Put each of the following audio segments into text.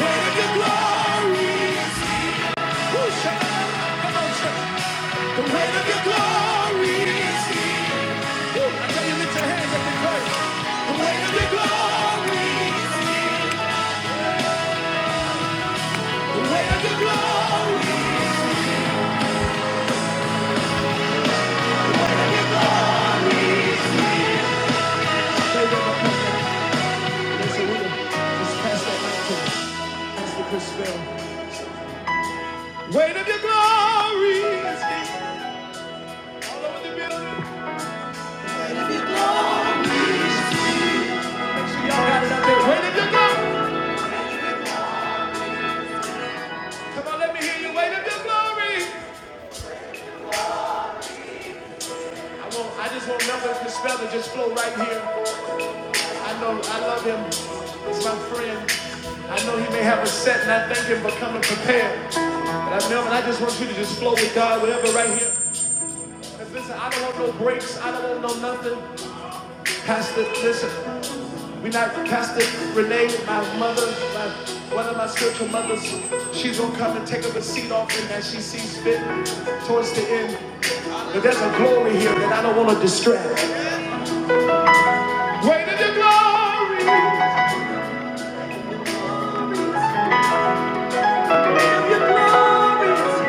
weight of your glory. Woo, Shabbat. Come on, Shabbat. The weight of your glory. Woo, I tell you, lift your hands up and pray. The weight of your glory. The weight of your glory. They don't know what's happening, so we just pass that back to them. Chris Bell. Weight of your glory. All over the building. Weight of your glory. Come on, let me hear you. Weight of your glory. I, won't, I just want nothing to spell it. Just flow right here. I know I love him. He's my friend. I know he may have a set, and I thank him for coming prepared. But I know, and I just want you to just flow with God, whatever, right here. here. 'Cause listen, I don't want no breaks. I don't want no nothing. Pastor, listen, we not Pastor Renee, my mother, my one of my spiritual mothers. She's gonna come and take up a seat offering that she sees fit towards the end. But there's a glory here that I don't want to distract. Great is your glory. Great is your glory.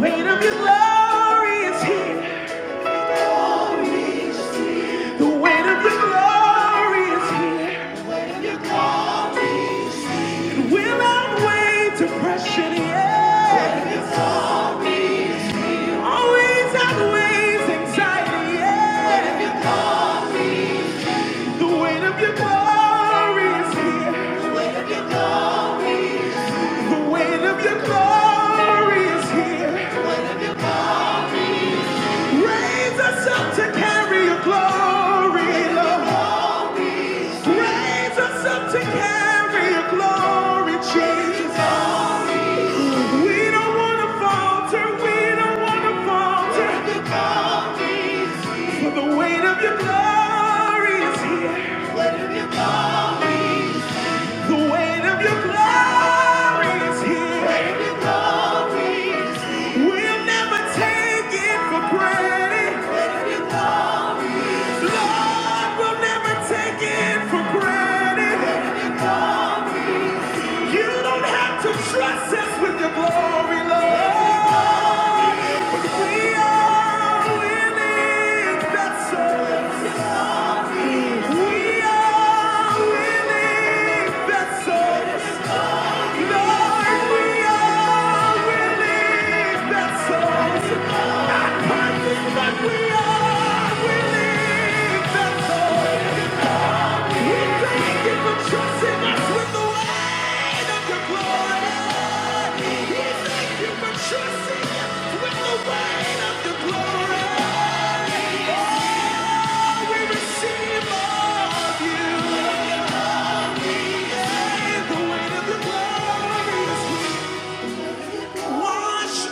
weight of your glory is here. The weight of your glory is here. It will outweigh depression, yeah. Always outweighs anxiety, yeah. The weight of your glory is here. The weight of your glory is here. Raise us up to carry your glory, Lord. Raise us up to carry your glory, Jesus. We don't wanna falter, we don't wanna falter. For the weight of your glory is here. The weight of your glory is here. We'll never take it for granted. Lord, we'll never take it for granted. You don't have to trust us with your glory, Lord. Trusting us with the weight of your glory. We thank you for trusting us with the weight of your glory. Wash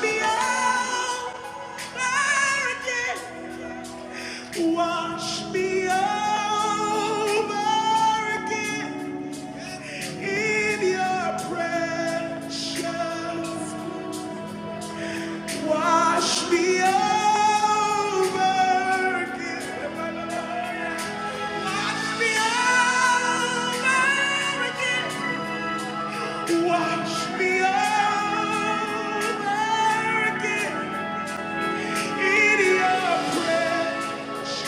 me out, clarity. Wash me over again in your precious. Wash me over again. my Lord. Wash me over again. Watch me over again in your precious.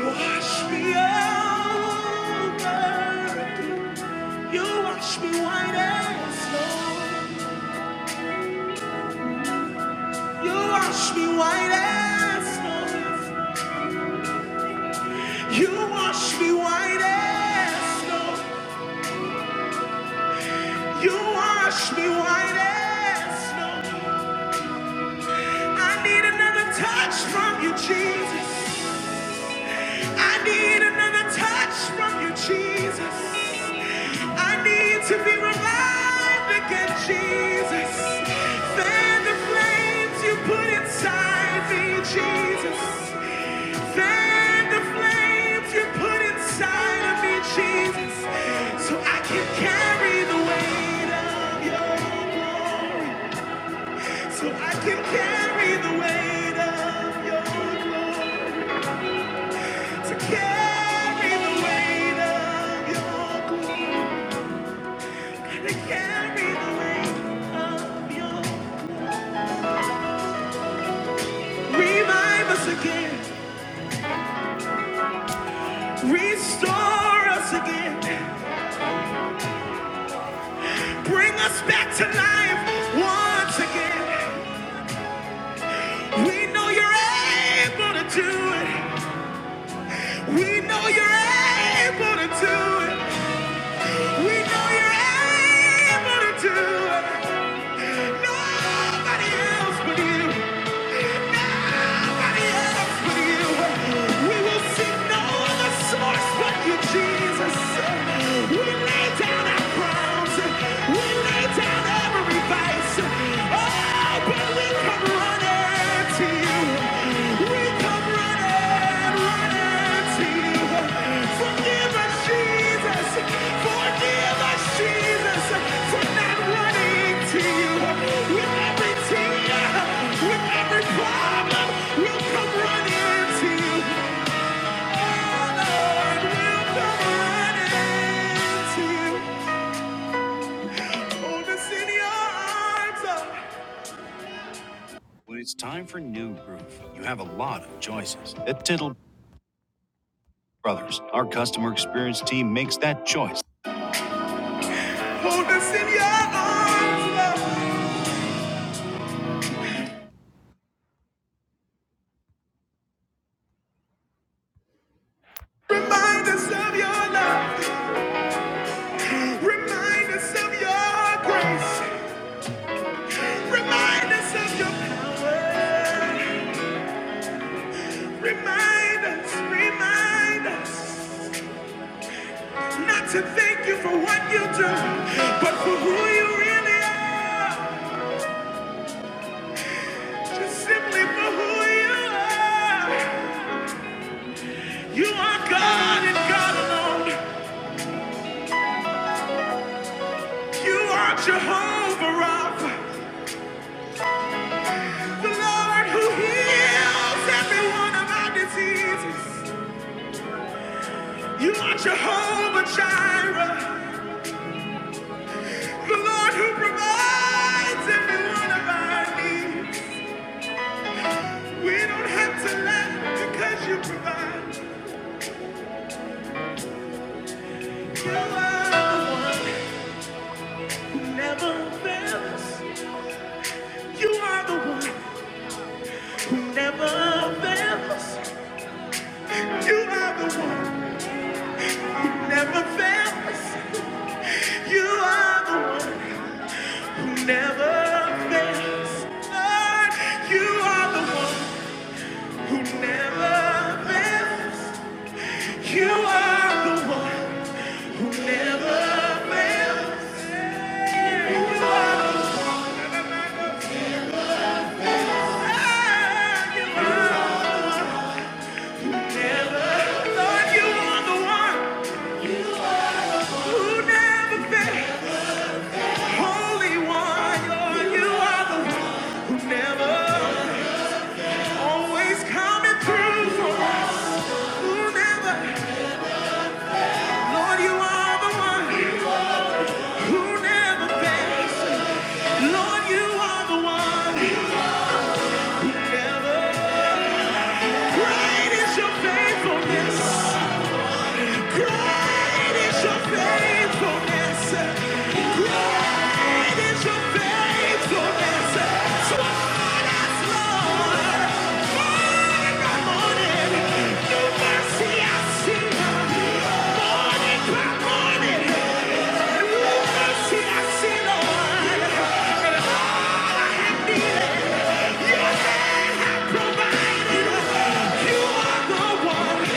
Wash me over again. You wash me white as snow. You wash me white as snow. You wash me white as snow. You wash me white as snow. I need another touch from you, Jesus. I need another touch from you, Jesus. I need to be revived again, Jesus. Fan the flames you put inside me, Jesus. Fan the flames you put inside of me, Jesus. So I can carry the weight of your glory. So I can carry the weight of your glory. To carry the weight of your glory, to carry the weight of your. Revive us again, restore us again, bring us back to life once again. We know you're able to do it. We know you're able to do it. We know you're able to do it. Nobody else but you. Oh, but we come running to you. Hold us in your arms, love. Remind us of your love. Remind us of your grace. Remind us of your power. Remind us, remind us not to thank you for what you do, but for who you really are. Just simply for who you are. You are God and God alone. You are Jehovah Rapha, the Lord who heals every one of our diseases. You are Jehovah Jireh. The Lord who provides every one of our needs. We don't have to lack because you provide. You are the one who never fails. You are the one who never fails. You are the one who never fails. You are the one who never fails. Lord, you are the one who never fails. You are the one. Lord, you are the one who never Great is your faithfulness. Great is your faithfulness. Great is your faithfulness. Toward us, Lord, morning morning, new mercy I see. Morning morning, new mercy I see, Lord. And I provided. You are the one.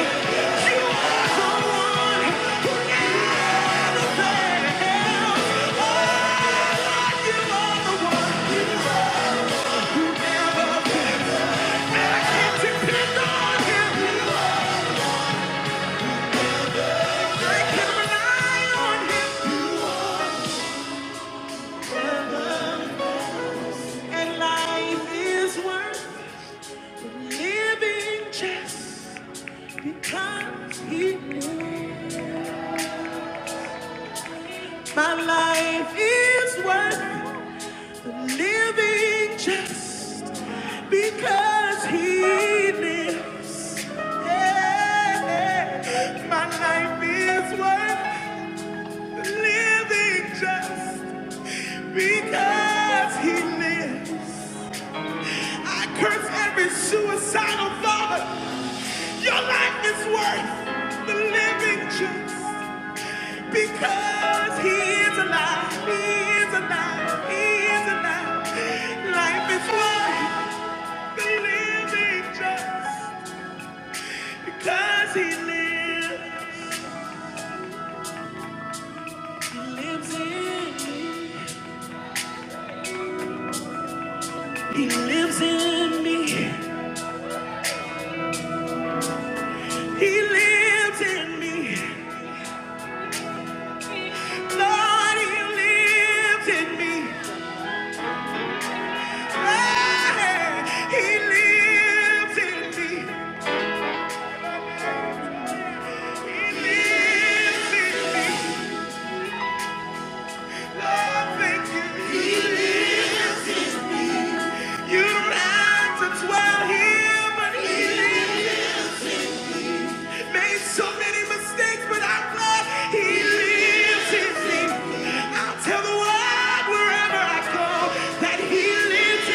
And life is worth living just because he is. My life is worth living just because He lives. Yeah. My life is worth living just because He lives. I curse every suicidal thought. Your life is worth the living just. Because he is alive, he is alive, he is alive. Life is worth the living just because he lives. He lives in me. He lives in me. He lives in me. Lord, he lives in me. Hey, he lives in me. He lives in me. Lord, thank you. He lives. You don't have to dwell here, but he lives. Made so many mistakes, but I'm he lives I'll tell the world wherever I go that he lives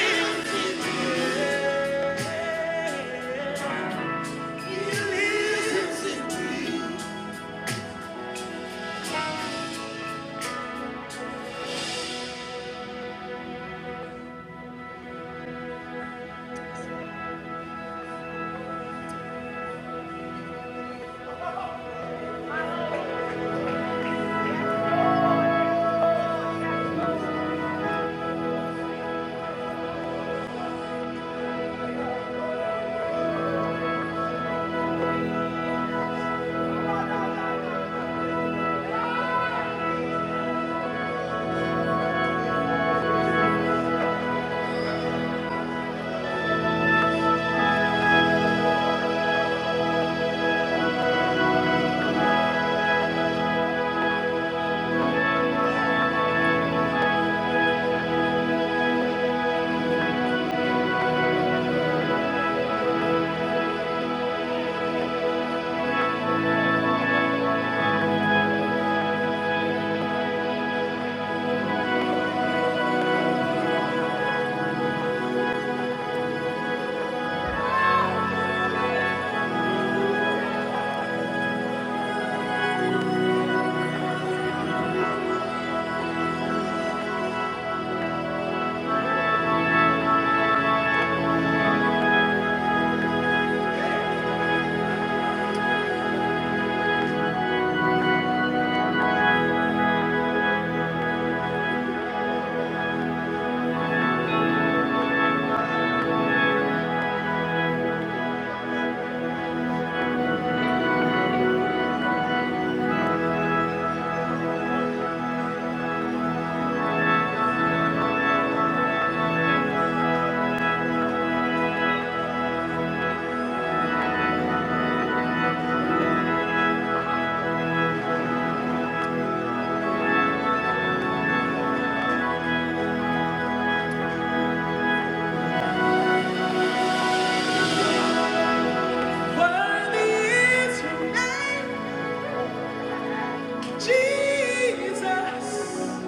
Jesus.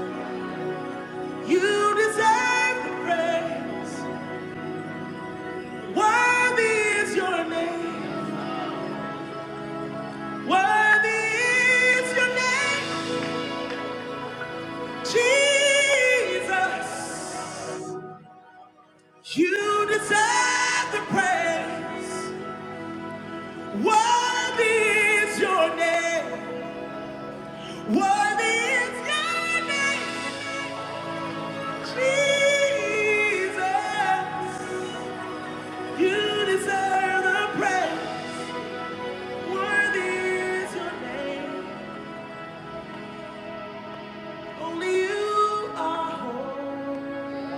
You deserve the praise. Worthy is your name. Worthy is your name. Jesus, you deserve the praise. Worthy is your name. Worthy is your name. Jesus, you deserve the praise. Worthy is your name. Only you are holy.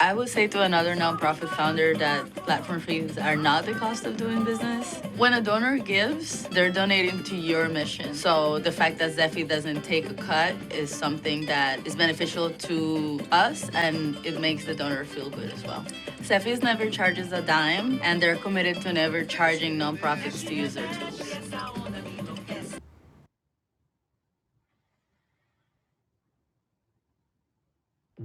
I would say to another nonprofit founder that platform fees are not the cost of doing business. When a donor gives, they're donating to your mission. So the fact that Zephy doesn't take a cut is something that is beneficial to us and it makes the donor feel good as well. Zephy's never charges a dime and they're committed to never charging nonprofits to use their tools.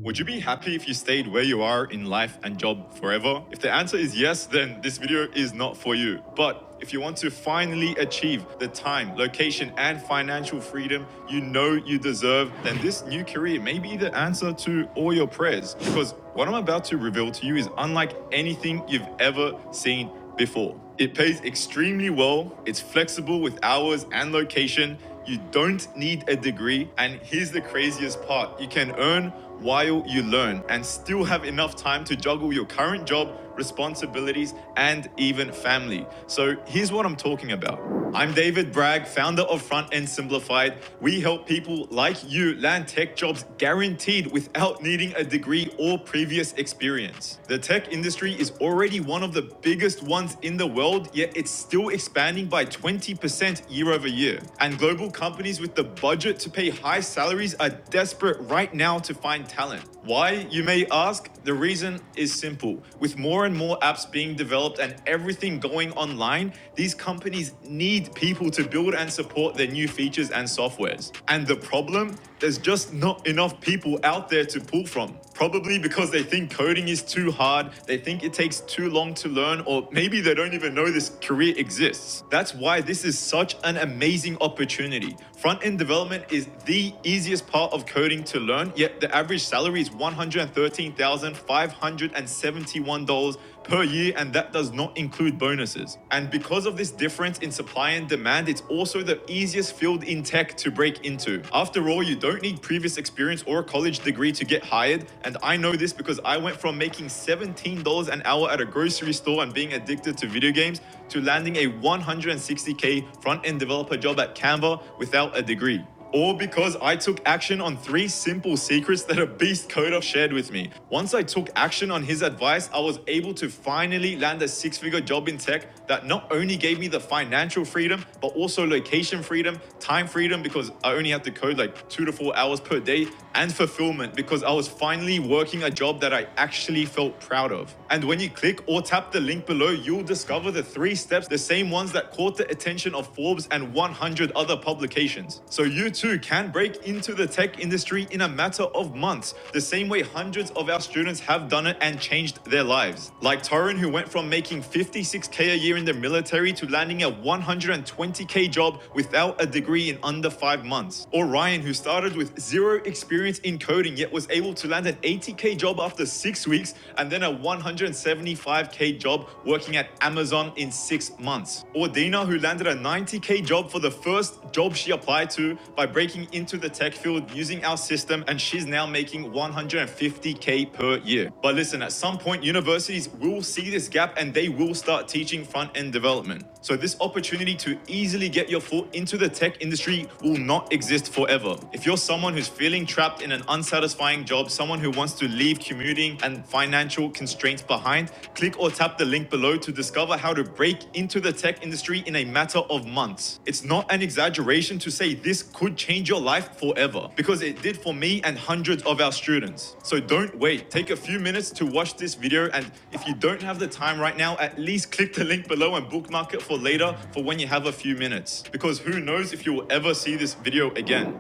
Would you be happy if you stayed where you are in life and job forever? If the answer is yes, then this video is not for you. But if you want to finally achieve the time, location, and financial freedom you know you deserve, then this new career may be the answer to all your prayers. Because what I'm about to reveal to you is unlike anything you've ever seen before. It pays extremely well, it's flexible with hours and location you don't need a degree. And here's the craziest part you can earn while you learn and still have enough time to juggle your current job, responsibilities, and even family. So here's what I'm talking about. I'm David Bragg, founder of Front End Simplified. We help people like you land tech jobs guaranteed without needing a degree or previous experience. The tech industry is already one of the biggest ones in the world, yet it's still expanding by 20% 50% year over year. And global companies with the budget to pay high salaries are desperate right now to find talent. Why, you may ask? The reason is simple. With more and more apps being developed and everything going online, these companies need people to build and support their new features and softwares. And the problem? There's just not enough people out there to pull from. Probably because they think coding is too hard, they think it takes too long to learn, or maybe they don't even know this career exists. That's why this is such an amazing opportunity. Front end development is the easiest part of coding to learn, yet the average salary is $113,571 per year, and that does not include bonuses. And because of this difference in supply and demand, it's also the easiest field in tech to break into. After all, you don't need previous experience or a college degree to get hired, and I know this because I went from making $17 an hour at a grocery store and being addicted to video games to landing a 160k front end developer job at Canva without a degree. All because I took action on three simple secrets that a beast coder shared with me. Once I took action on his advice, I was able to finally land a six figure job in tech that not only gave me the financial freedom, but also location freedom, time freedom, because I only had to code like two to four hours per day, and fulfillment, because I was finally working a job that I actually felt proud of. And when you click or tap the link below, you'll discover the three steps, the same ones that cause caught the attention of Forbes and 100 other publications. So you too can break into the tech industry in a matter of months, the same way hundreds of our students have done it and changed their lives. Like Torrin, who went from making 56K a year in the military to landing a 120K job without a degree in under five months. Or Ryan, who started with zero experience in coding yet was able to land an 80K job after six weeks and then a 175 95k job working at Amazon in six months. Or Dina, who landed a 90k job for the first job she applied to by breaking into the tech field using our system, and she's now making 150k per year. But listen, at some point, universities will see this gap and they will start teaching front end development. So this opportunity to easily get your foot into the tech industry will not exist forever. If you're someone who's feeling trapped in an unsatisfying job, someone who wants to leave commuting and financial constraints behind, click or tap the link below to discover how to break into the tech industry in a matter of months. It's not an an exaggeration to say this could change your life forever because it did for me and hundreds of our students. So don't wait. Take a few minutes to watch this video and if you don't have the time right now, at least click the link below and bookmark it for later for when you have a few minutes because who knows if you'll ever see this video again.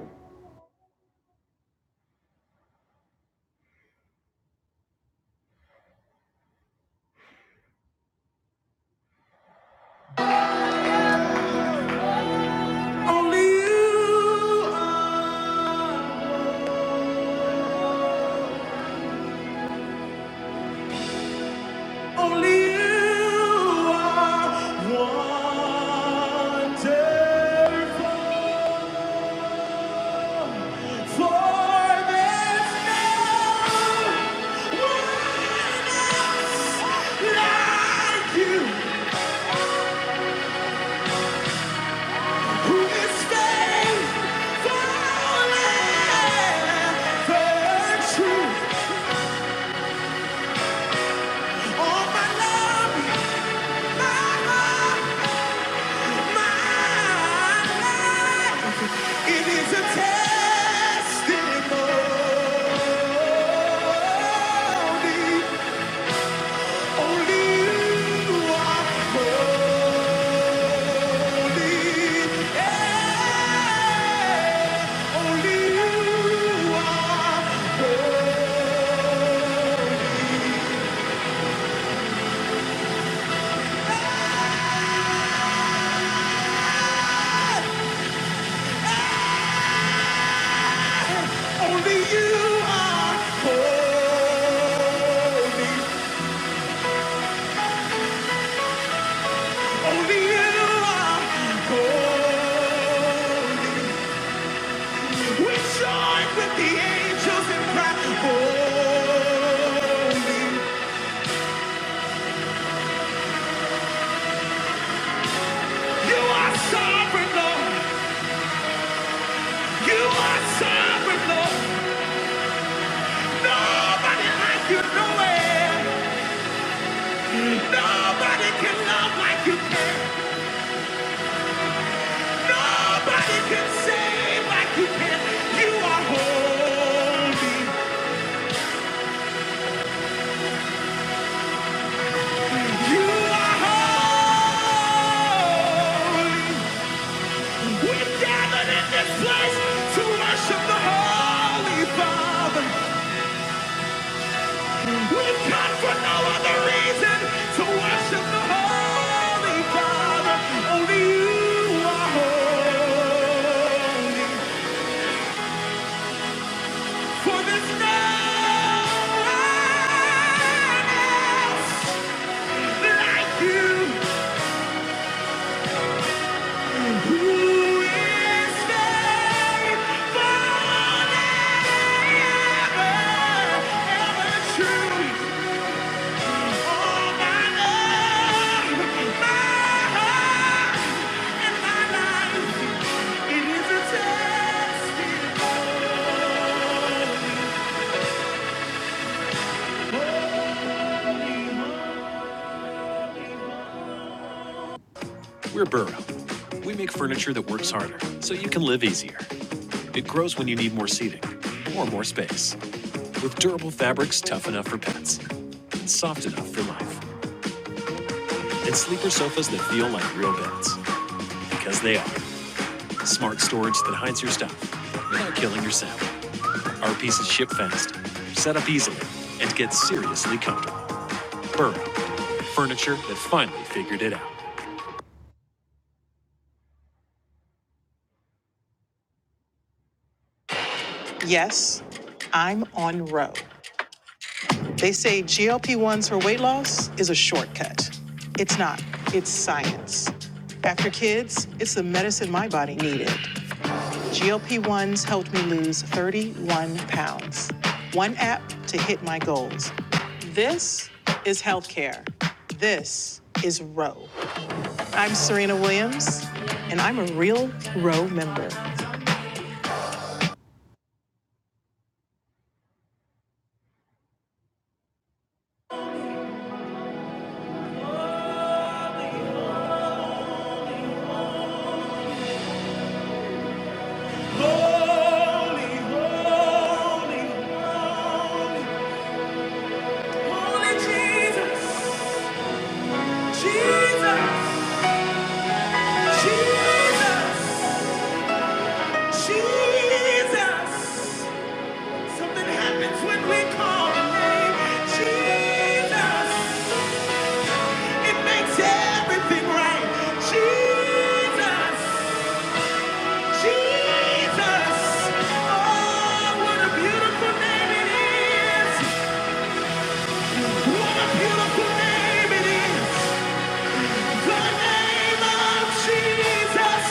Only you are Only you are wonderful. For there's no one else like you. Who is faithful and true? All my love, my heart. It is a testimony. Only you are holy. Yeah. Only you are holy. Only you are holy. Holy you are, holy. We join with the angels and cry, holy. You are sovereign, Lord. You are sovereign, Lord. Nobody like you nowhere. Nobody can love like you can. Nobody can save like you can. You are holy. You are holy. We gathered in this place to worship the Holy Father. we come for no other reason to worship the Holy Father. Only you are holy. For there's no one else like you. Who is there forever, ever true? We're Burrow. We make furniture that works harder, so you can live easier. It grows when you need more seating or more space. With durable fabrics tough enough for pets, and soft enough for life, and sleeper sofas that feel like real beds. Because they are. Smart storage that hides your stuff without killing your sound. Our pieces ship fast, set up easily, and get seriously comfortable. Burrow, furniture that finally figured it out. Yes, I'm on Ro. They say GLP 1s for weight loss is a shortcut. It's not, it's science. After kids, it's the medicine my body needed. GLP 1s helped me lose 31 pounds. One app to hit my goals. This is healthcare. This is Ro. I'm Serena Williams, and I'm a real row member. Holy, holy, holy, holy Jesus, Jesus, Jesus, Jesus. Jesus. Jesus. Something happens when we call the name Jesus. It makes everything right, Jesus. Jesus! Oh, what a beautiful name it is! What a beautiful name it is! The name of Jesus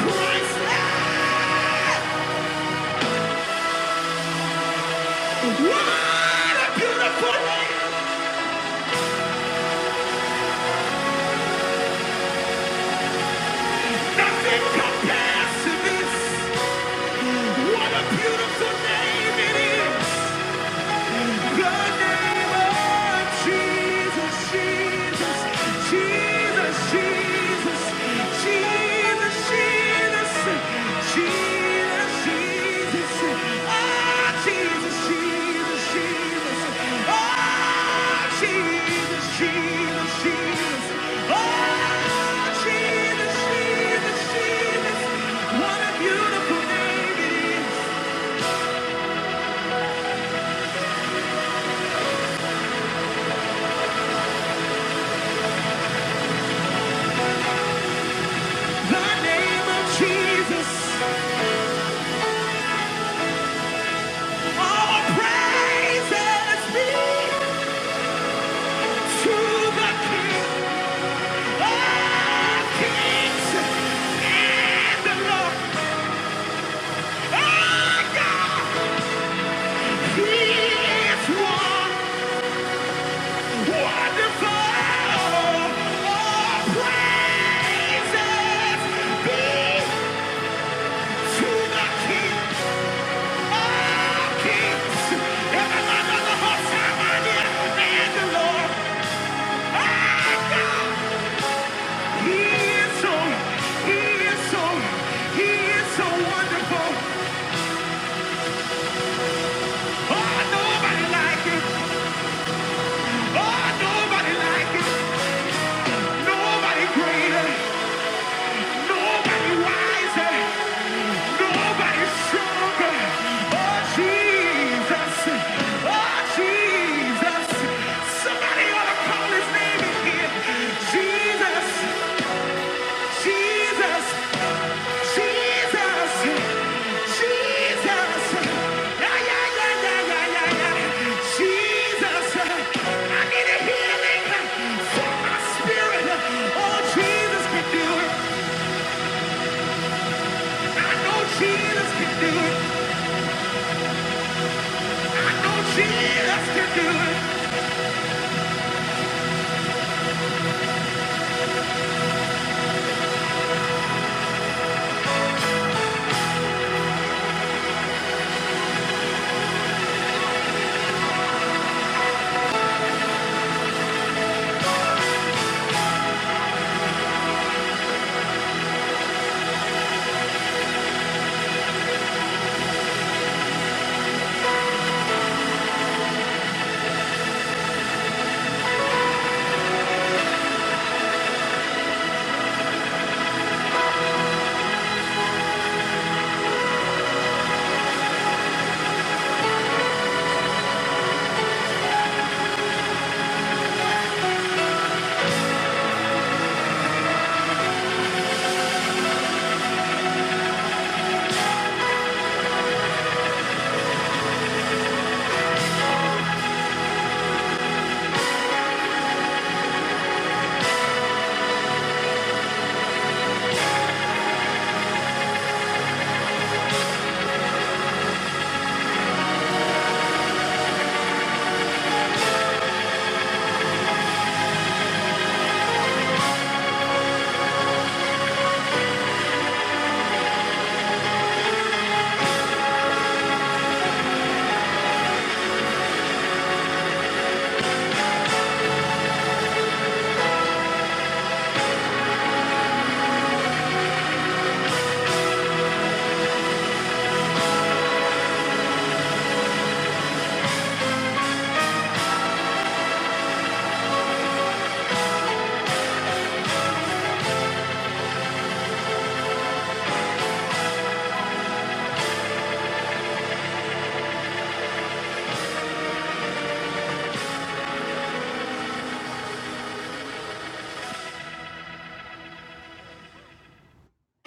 Christ! What a beautiful name! Nothing compares to this! What a beautiful name it is! What a beautiful name it is, the name of Jesus. Everybody on the whole time, I did, and the Lord, our God. He is so, he is so, he is so wonderful. Oh, nobody like him. Oh, nobody like him. Nobody greater. Nobody wiser. Nobody stronger. Oh, Jesus. Oh, Jesus. Somebody ought to call his name in here. Jesus, Jesus. Jesus, Jesus, yeah, yeah, yeah, yeah, yeah, yeah, yeah. Jesus, I need a healing for my spirit. Oh, Jesus can do it. I know Jesus can do it. I know Jesus can do it.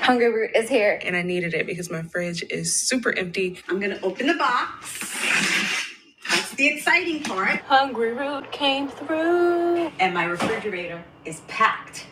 Hunger Root is here, and I needed it because my fridge is super. I'm gonna open the box. That's the exciting part, and my refrigerator is packed.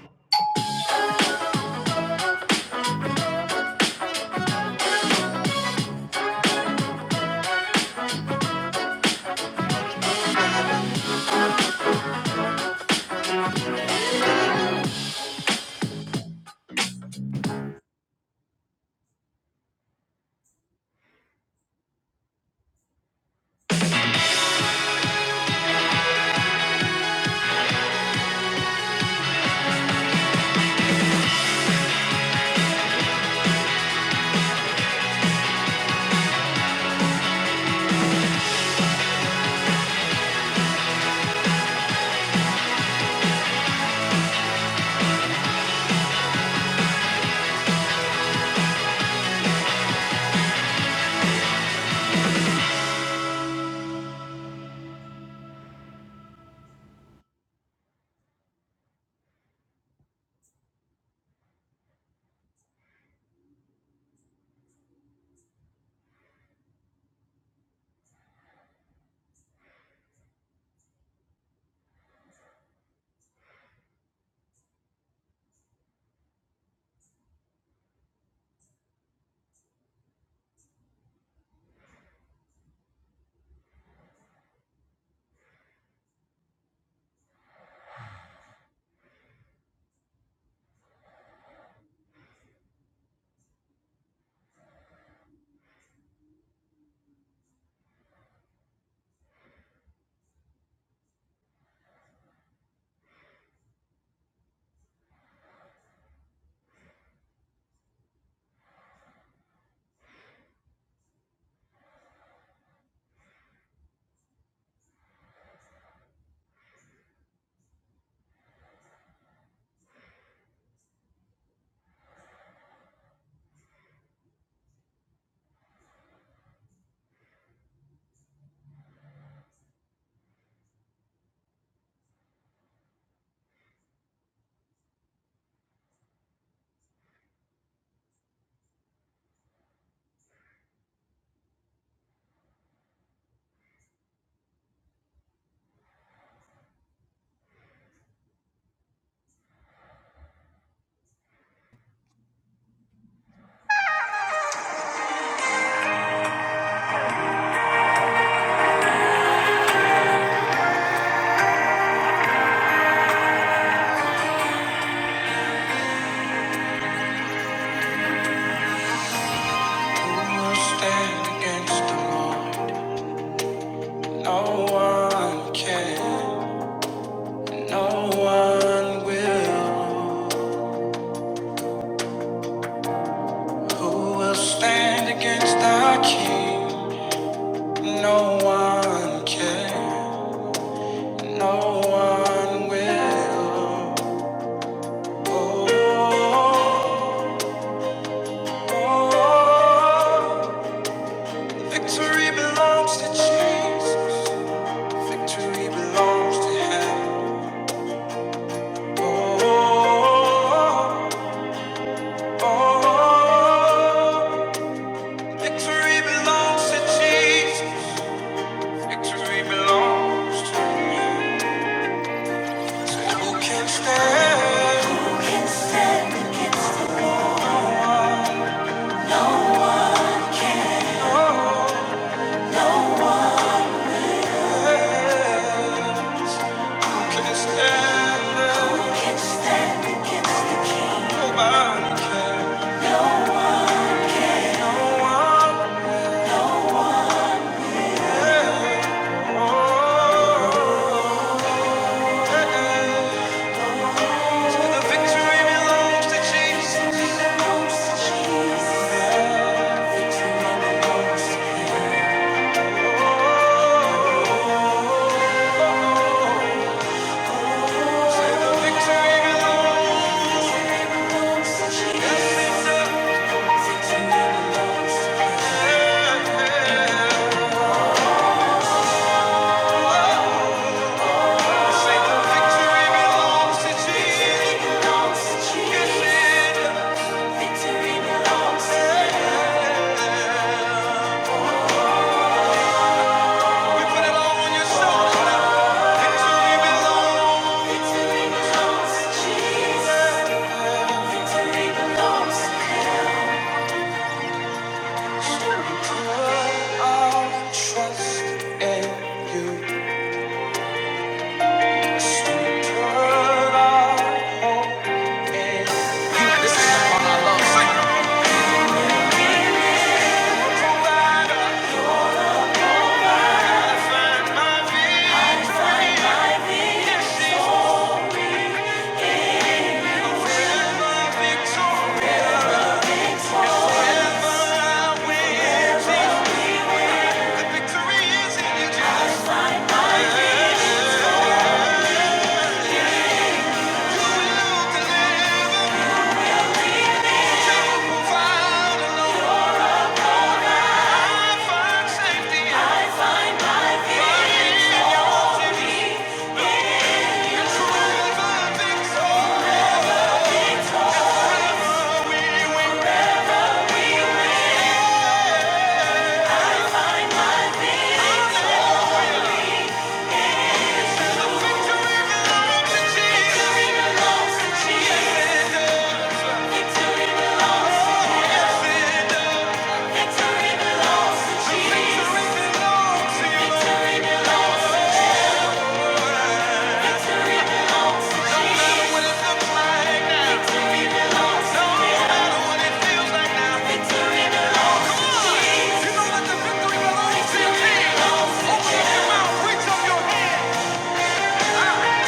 Stand against the moon. No one can. No one will. Who will stand against our King? No one can. No one will. Oh, oh, oh. victory belongs to Jesus. Victory belongs to Him. Oh. oh, oh, oh. Oh, victory belongs to Jesus. Victory belongs to you. Who can stand? Oh, yes. Who can stand? Nobody can. No one. Oh, the victory belongs to Jesus. Victory belongs to Jesus. I'll trust in you. Sweet girl, I'll hope in you. This is the song I love. Sing. You know that the victory belongs to your Open up your mouth, reach up your hand. Ah,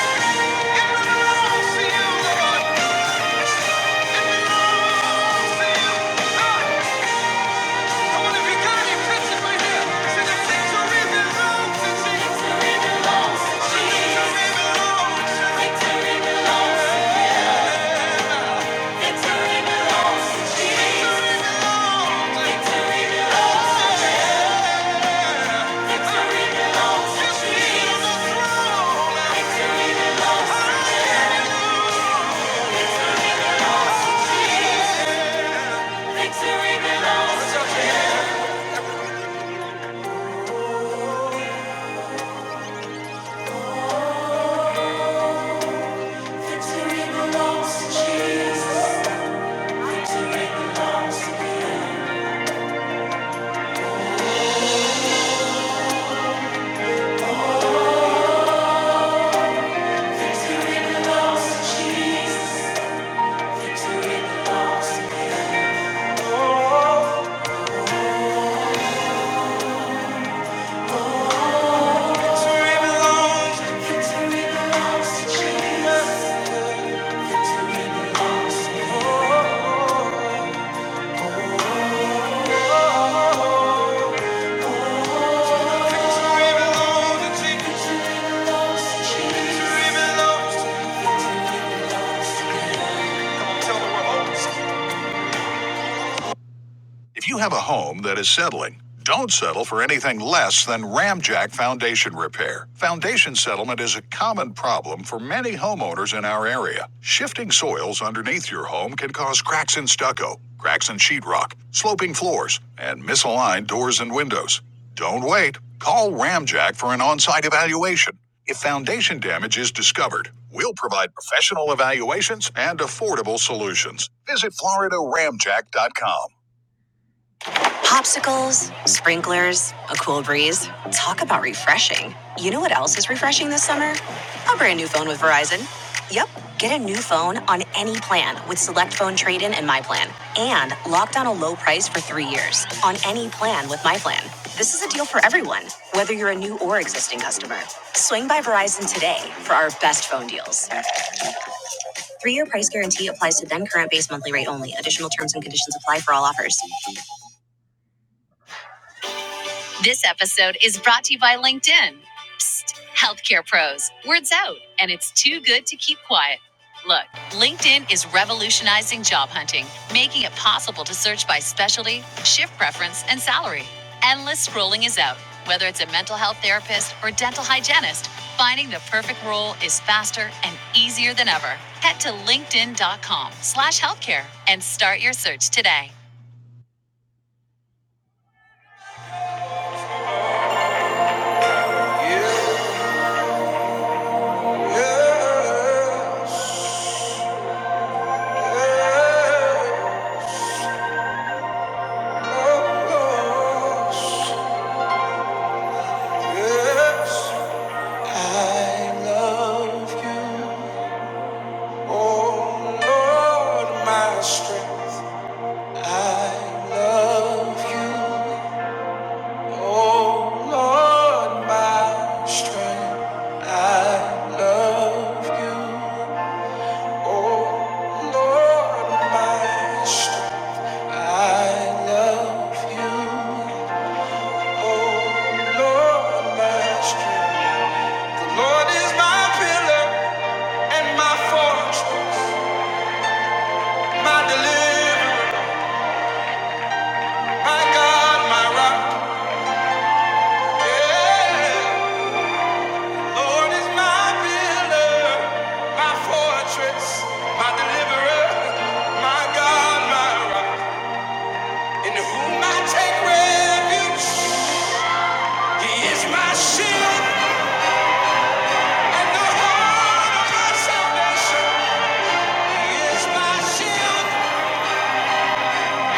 it really belongs to you, Lord. It's to you. Ah, come on, if you got it, catch it right here. Say the victory belongs to Jesus. Victory belongs to Jesus. Victory belongs to Jesus. Victory belongs to Jesus. Victory belongs to Jesus. Victory belongs to Jesus. Victory belongs to Jesus. Victory belongs to Jesus. Victory belongs to Jesus. Victory belongs Victory belongs to Jesus. Victory belongs to Him. Victory belongs to Jesus. Victory belongs Victory belongs. to Jesus. Victory belongs to Jesus. Victory belongs to Jesus. Victory belongs. Tell the world. If you have a home that is settling, don't settle for anything less than Ramjack foundation repair. Foundation settlement is a common problem for many homeowners in our area. Shifting soils underneath your home can cause cracks in stucco, cracks in sheetrock, sloping floors, and misaligned doors and windows. Don't wait. Call Ramjack for an on site evaluation. If foundation damage is discovered, we'll provide professional evaluations and affordable solutions. Visit FloridaRamjack.com. Popsicles, sprinklers, a cool breeze. Talk about refreshing. You know what else is refreshing this summer? A brand new phone with Verizon. Yep, get a new phone on any plan with Select Phone Trade In and My Plan. And lock down a low price for three years on any plan with My Plan. This is a deal for everyone, whether you're a new or existing customer. Swing by Verizon today for our best phone deals. Three year price guarantee applies to then current base monthly rate only. Additional terms and conditions apply for all offers. This episode is brought to you by LinkedIn. Healthcare pros, words out, and it's too good to keep quiet. Look, LinkedIn is revolutionizing job hunting, making it possible to search by specialty, shift preference, and salary. Endless scrolling is out. Whether it's a mental health therapist or dental hygienist, finding the perfect role is faster and easier than ever. Head to linkedin.com slash healthcare and start your search today. Yes, yes, yes. Lord is my pillar and my fortress. My deliverer, my God, my rock. Yeah. Lord is my builder, my fortress, my deliverer, my God, my rock. In whom I take refuge. He is my shield and the horn of my salvation. He is my shield,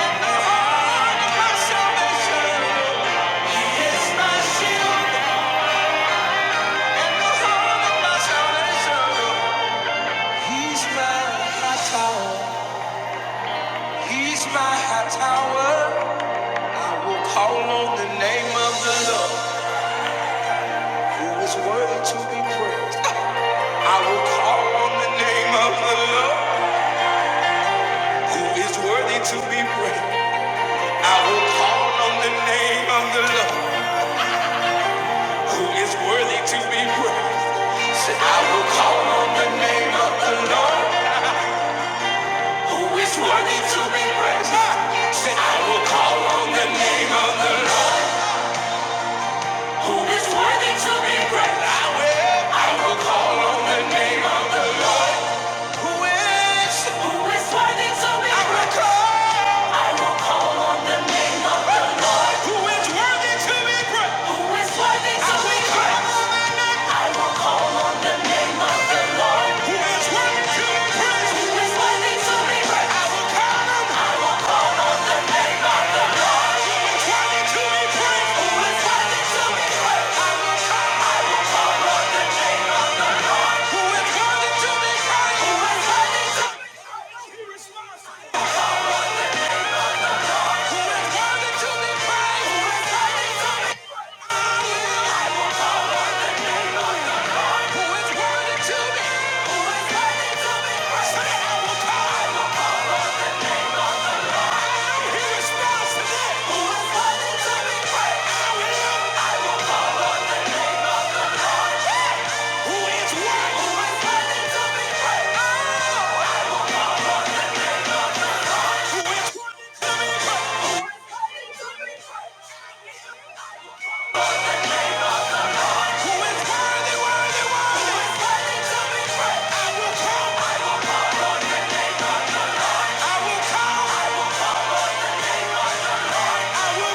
and the horn of my salvation. He is my shield and the horn of my salvation. He's my high tower. He's my high tower. I will call on the name of the Lord, who is worthy to be praised. I will call on the name of the Lord, who is worthy to be praised. I will call on the name of the Lord, who is worthy to be praised. Say, I will call on the name of the Lord, who is worthy to be praised. Say, I will call on the name of the Lord. Who is worthy to be great? I will. Who is? Who is worthy to be I will great? call. The Lord. Who is worthy to be great? Who is worthy to I will be great? call on my name. I will. Who is worthy to be praised? Who is worthy to be great? I will call on. Who is worthy to be praised? Who is worthy to be great? I will call on. Who is worthy to be praised? Who is worthy to be great? He responds. Who is worthy, worthy, worthy? Who is worthy to be praised? I will come. I will come. He's gonna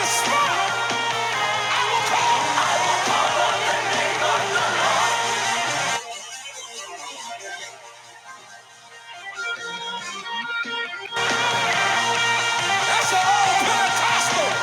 respond. That's an old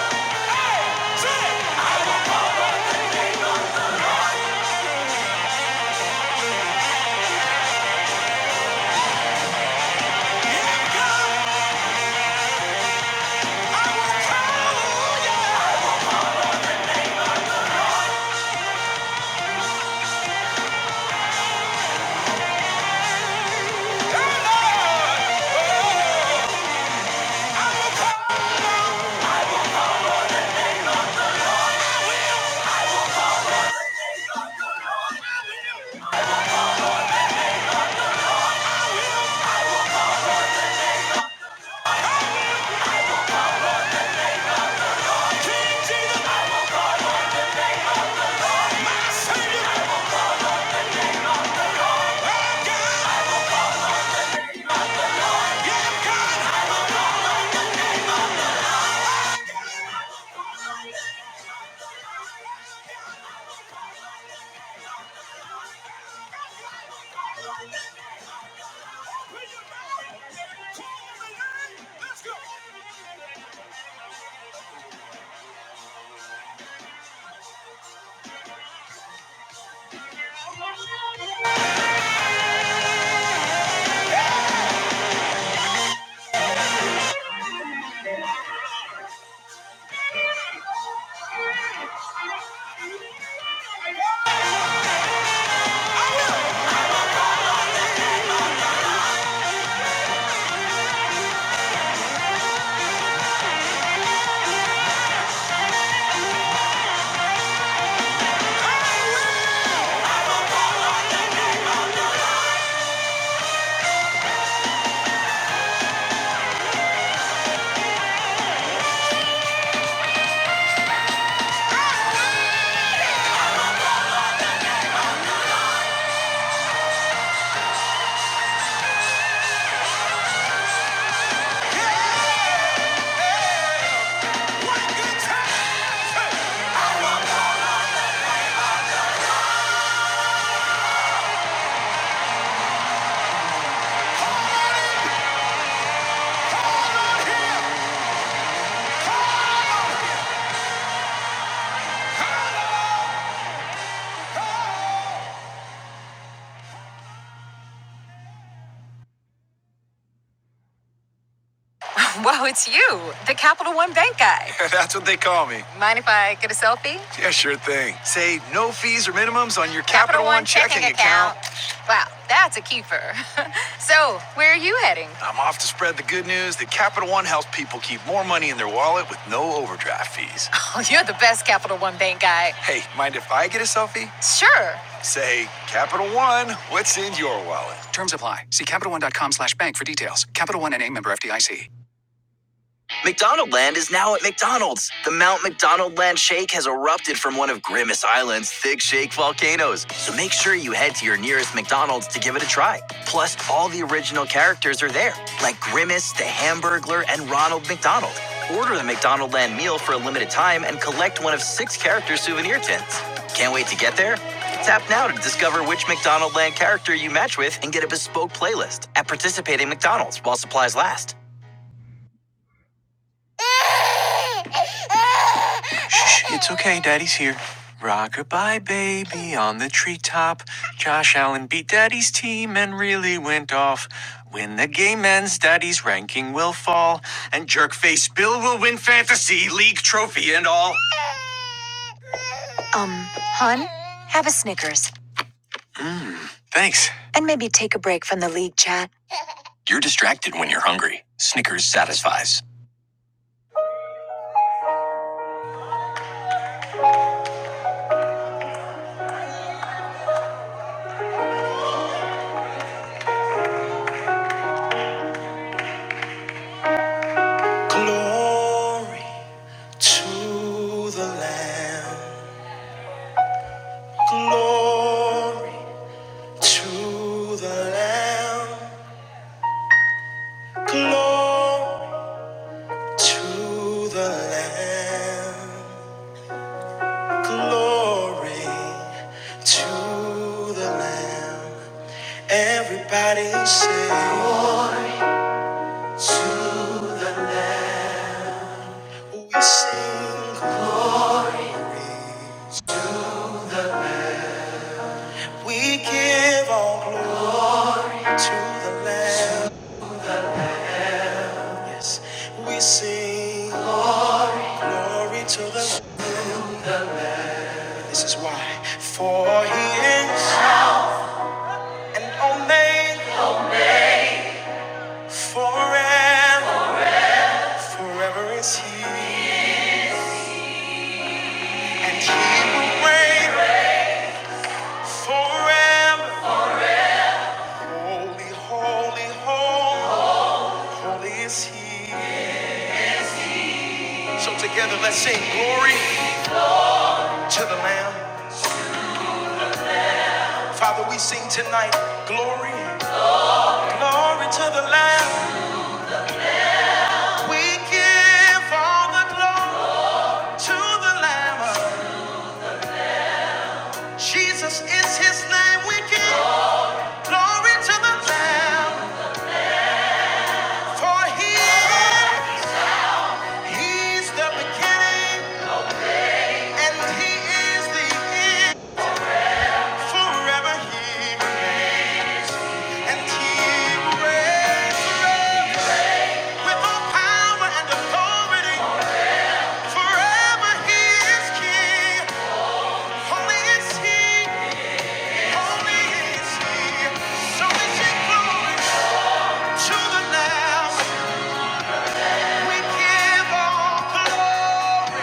Pentecostal. Wow, it's you, the Capital One Bank guy. That's what they call me. Mind if I get a selfie? Yeah, sure thing. Say no fees or minimums on your Capital Capital One One checking checking account. account. Wow, that's a keeper. so, where are you heading? I'm off to spread the good news that Capital One helps people keep more money in their wallet with no overdraft fees. Oh, you're the best Capital One Bank guy. Hey, mind if I get a selfie? Sure. Say, Capital One, what's in your wallet? McDonaldland is now at McDonald's. The Mount McDonaldland Shake has erupted from one of Grimace Island's thick shake volcanoes, so make sure you head to your nearest McDonald's to give it a try. Plus, all the original characters are there, like Grimace, the Hamburglar, and Ronald McDonald. Order the McDonaldland meal for a limited time and collect one of six character souvenir tins. Can't wait to get there? Tap now to discover which McDonaldland character you match with and get a bespoke playlist at participating McDonald's while supplies last. Shh, it's okay. Daddy's here. Rock goodbye, baby, on the treetop. Josh Allen beat Daddy's team and really went off. When the game ends, Daddy's ranking will fall, and jerkface Bill will win fantasy league trophy and all. Um, hon, have a Snickers Thanks. and maybe take a break from the league chat. Glory to the Lamb. Glory to the Lamb. Glory. To the Lamb, glory to the Lamb. Everybody sing. to We sing, we give all glory to the Lamb. Yes, we sing glory to the Lamb. This is why, for He is an only forever, forever is He, and He will reign. forever. Holy, holy, holy, holy is He. So together let's sing glory to the Lamb. Father, we sing tonight glory, glory to the Lamb. We give all the glory to the Lamb. Jesus is His name. We give glory to the Lamb, for He is He's the beginning and He is the end. Forever He. And he reigns with all power and authority. Forever he is king. Holy is he. Holy is he. So is he glory to the Lamb. We give all glory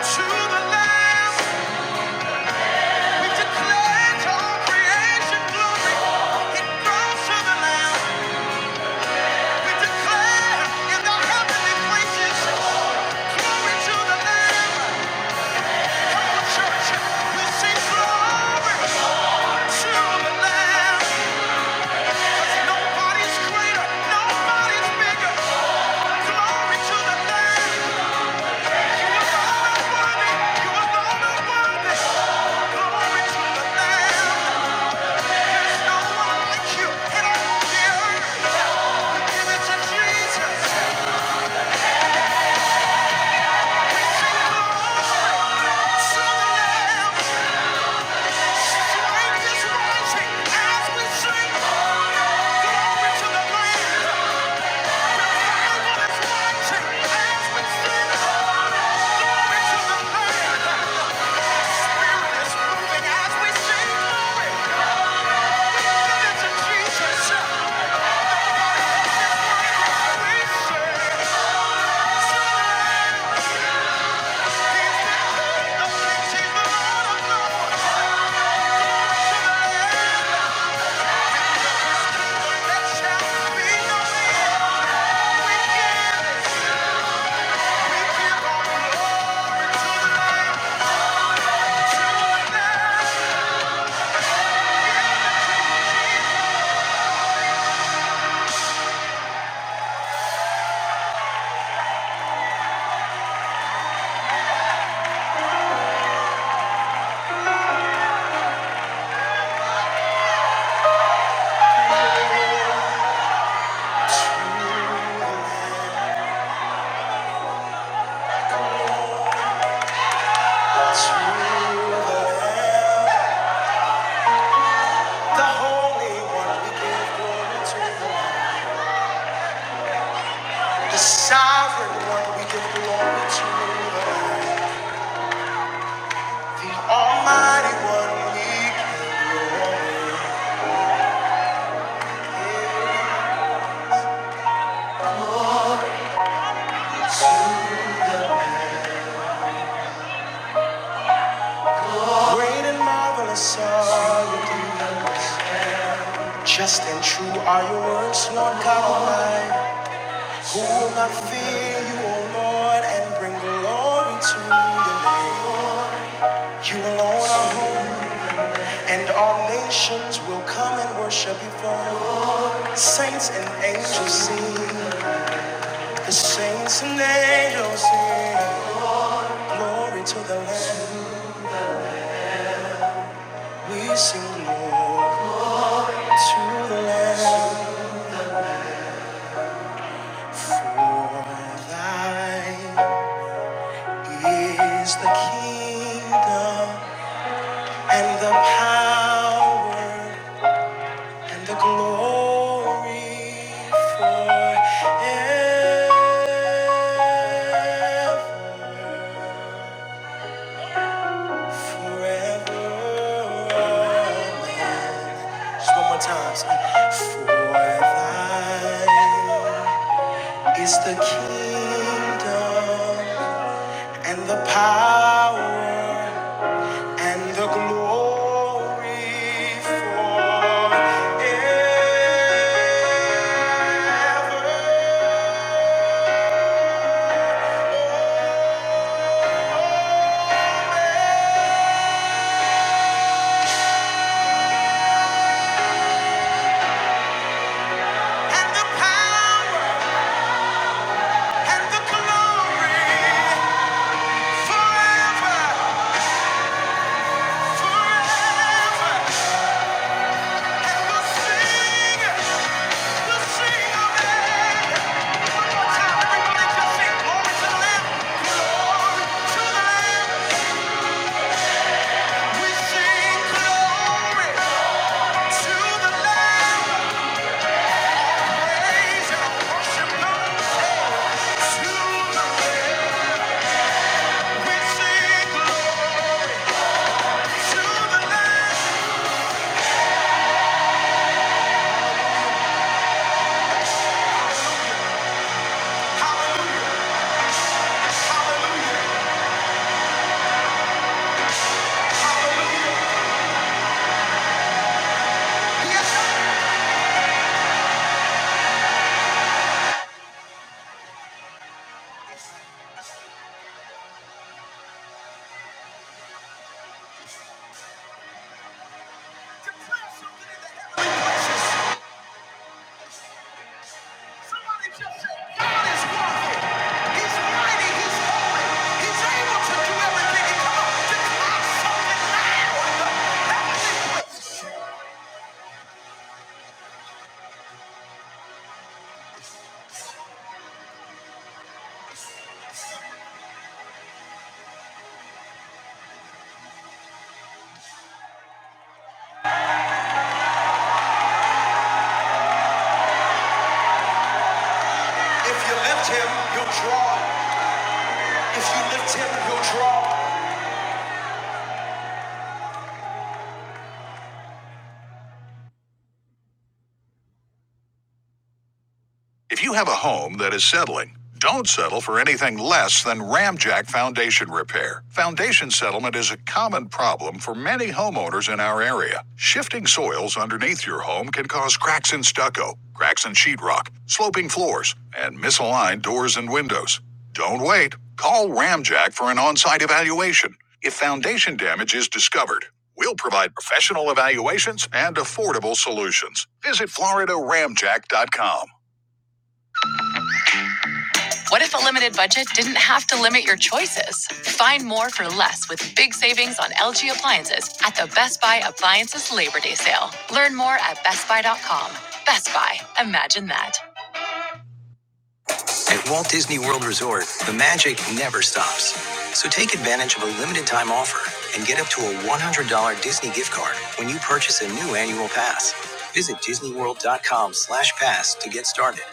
to the Lamb. We declare all creation glory. It grows to the Lamb. We declare in the heavenly places glory to the Lamb. Glory to Thank you. Thank you. The Holy One, we give glory to you. The Sovereign One, we give glory to you. The Almighty One, we great and marvelous are you. Just and true are your words, Lord God Almighty. Who will not fear you, O Lord, and bring glory to your name? You alone are holy, and all nations will come and worship before you. Saints and angels sing, the saints and angels sing. Glory to the Lamb. We sing glory to the Lamb. For thine is the kingdom and the power and the glory forever. Forever. Just one more time. For thine is the kingdom and the power and the glory forever. And the power and the glory forever, forever. And we'll sing, we'll sing of it. One more time, everybody just sing glory to the Lamb, glory to the Lamb. We sing glory. If you lift him, you'll draw. If you lift him, you'll draw. If you have a home that is settling, don't settle for anything less than Ramjack foundation repair. Foundation settlement is a common problem for many homeowners in our area. Shifting soils underneath your home can cause cracks in stucco, cracks in sheetrock, sloping floors, and misaligned doors and windows. Don't wait. Call Ramjack for an on site evaluation. If foundation damage is discovered, we'll provide professional evaluations and affordable solutions. Visit floridaramjack.com. What if a limited budget didn't have to limit your choices? Find more for less with big savings on LG appliances at the Best Buy Appliances Labor Day sale. Learn more at bestbuy.com. Best Buy, imagine that. At Walt Disney World Resort, the magic never stops. So take advantage of a limited time offer and get up to a $100 Disney gift card when you purchase a new annual pass. Visit disneyworld.com slash pass to get started.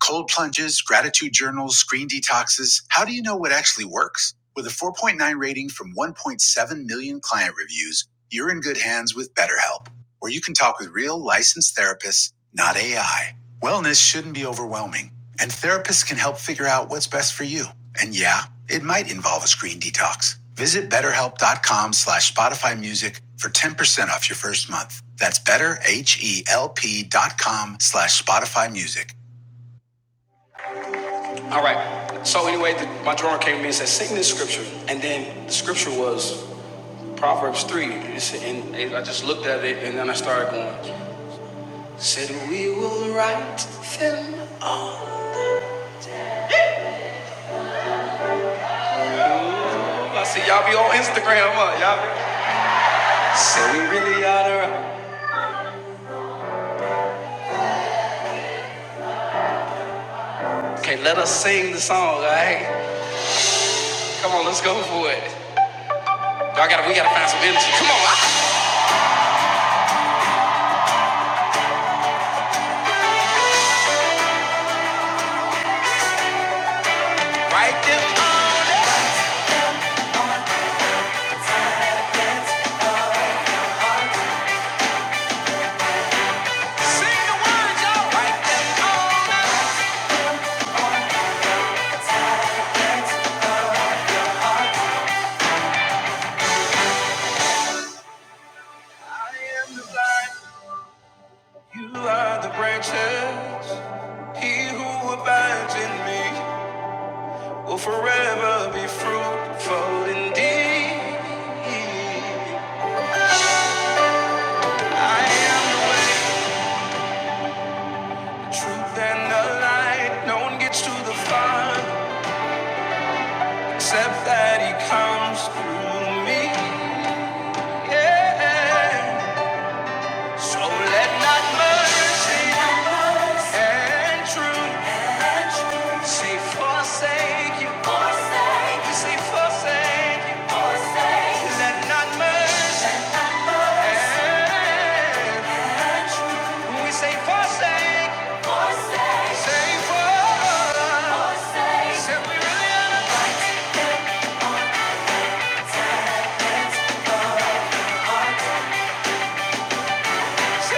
Cold plunges, gratitude journals, screen detoxes. How do you know what actually works? With a 4.9 rating from 1.7 million client reviews, you're in good hands with BetterHelp, where you can talk with real licensed therapists, not AI. Wellness shouldn't be overwhelming, and therapists can help figure out what's best for you. And yeah, it might involve a screen detox. Visit betterhelp.com slash Spotify Music for 10% off your first month. That's betterhelp.com slash Spotify Music. All right. So anyway, the, my drummer came to me and said, "Sing this scripture." And then the scripture was Proverbs three. It And I just looked at it, and then I started going. Said we will write them all. I said, "Y'all be on Instagram, huh? Y'all." Said we really ought to. write." Okay, let us sing the song. All right. Come on, let's go for it. Y'all gotta. We gotta find some energy. Come on. I- Sing the words, y'all. Write them all. I am the blind. You are the branches. He who abides in me will forever be fruitful indeed. I am the way, the truth, and the light. No one gets to the Father except that He comes through me. Yeah. So let not mercy and truth say forsake you. We say forsake you. Let not mercy we say forsake, we really honor,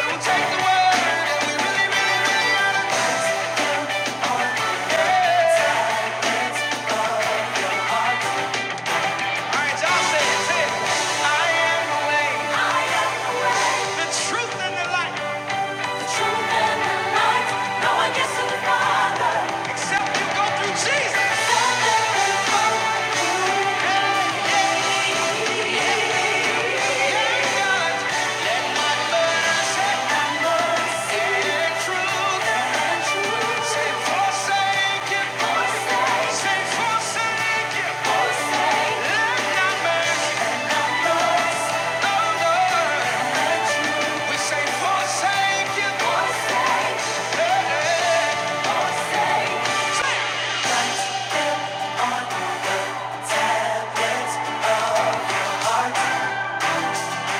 we take we really, really, really the truth and the light. No one gets to the Father. In truth and say forsake it, forsake, say forsake it, Let not mercy, no, no, we say forsake it,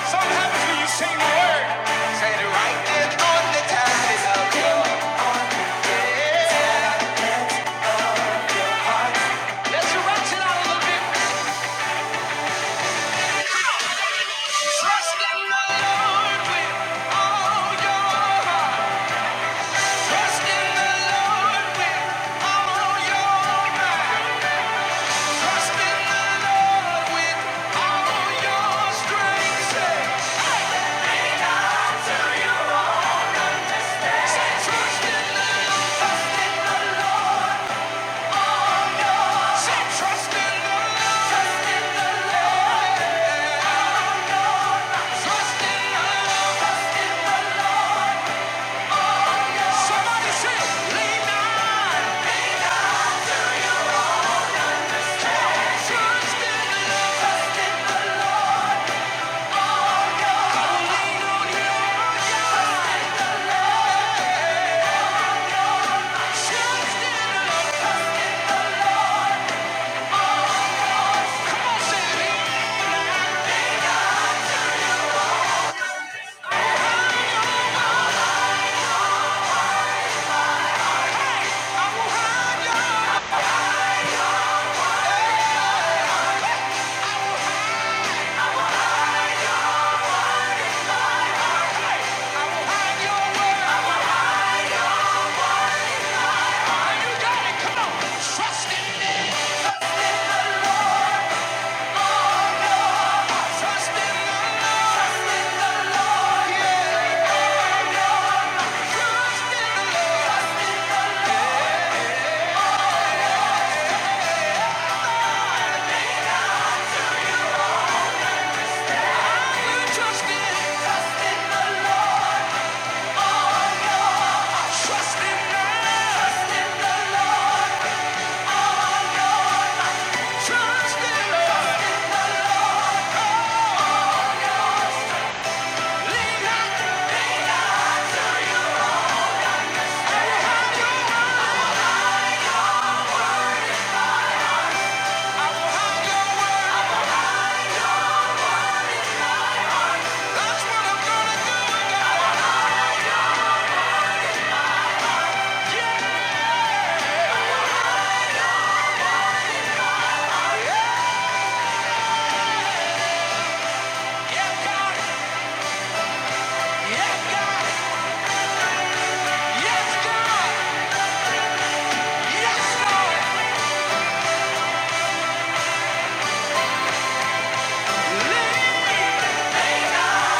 Sometimes when you sing the word, say it right there on the time is up. Trust in the Lord with all your heart. Trust in the Lord with all your mind. Trust in the Lord with all your strength. Say, tell your say trust in the Lord. Trust in the Lord. Say trust in the Lord. Trust in the Lord. Trust in the Lord. Somebody say, lean not. You trust in, trust in the Lord. Trust in God. Trust in the Lord. Lean not. Yes, God. Yes, God. Yes, God. Yes, God. Lean not.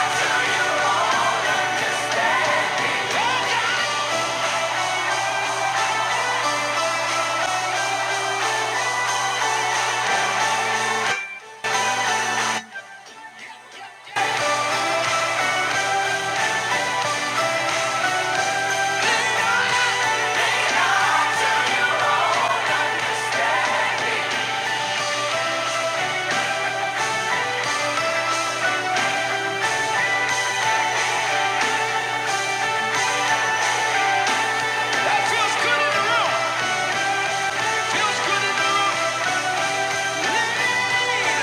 That feels good in the room. Feels good in the room. Lean.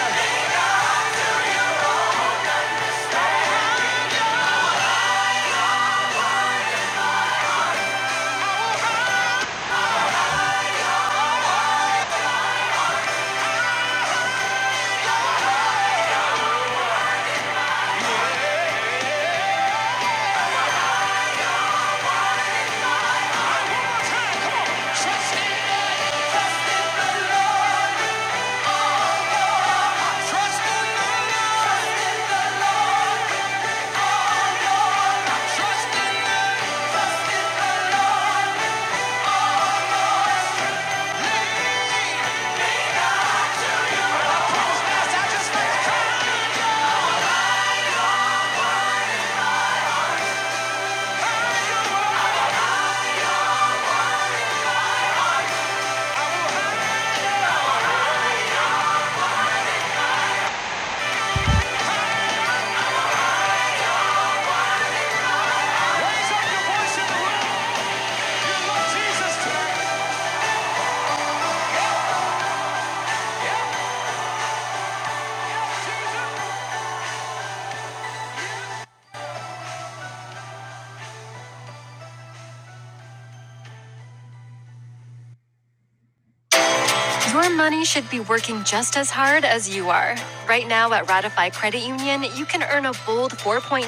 Your money should be working just as hard as you are. Right now at Ratify Credit Union, you can earn a bold 4.90%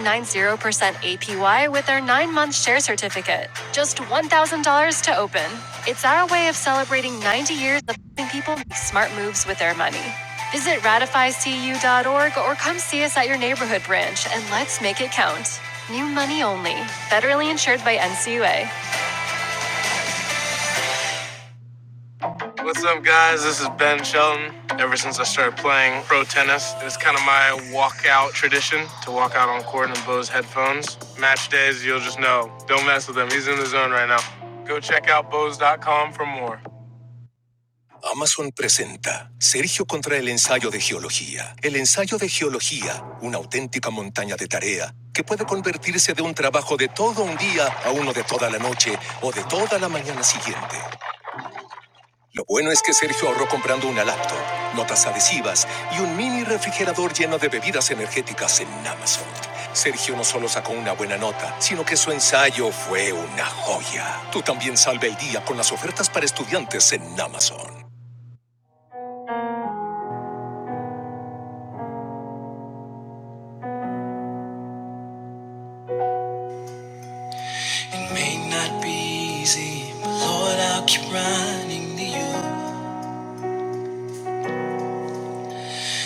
APY with our 9-month share certificate. Just $1,000 to open. It's our way of celebrating 90 years of helping people make smart moves with their money. Visit ratifycu.org or come see us at your neighborhood branch and let's make it count. New money only. Federally insured by NCUA. What's up, guys? This is Ben Shelton. Ever since I started playing pro tennis, it's kind of my walkout tradition to walk out on court in Bose headphones. Match days, you'll just know. Don't mess with him. He's in the zone right now. Go check out Bose.com for more. Amazon presenta Geo contra el ensayo de geología. El ensayo de geología, una auténtica montaña de tarea que puede convertirse de un trabajo de todo un día a uno de toda la noche a la mañana siguiente. It may not be easy, but Lord, I'll keep running to you.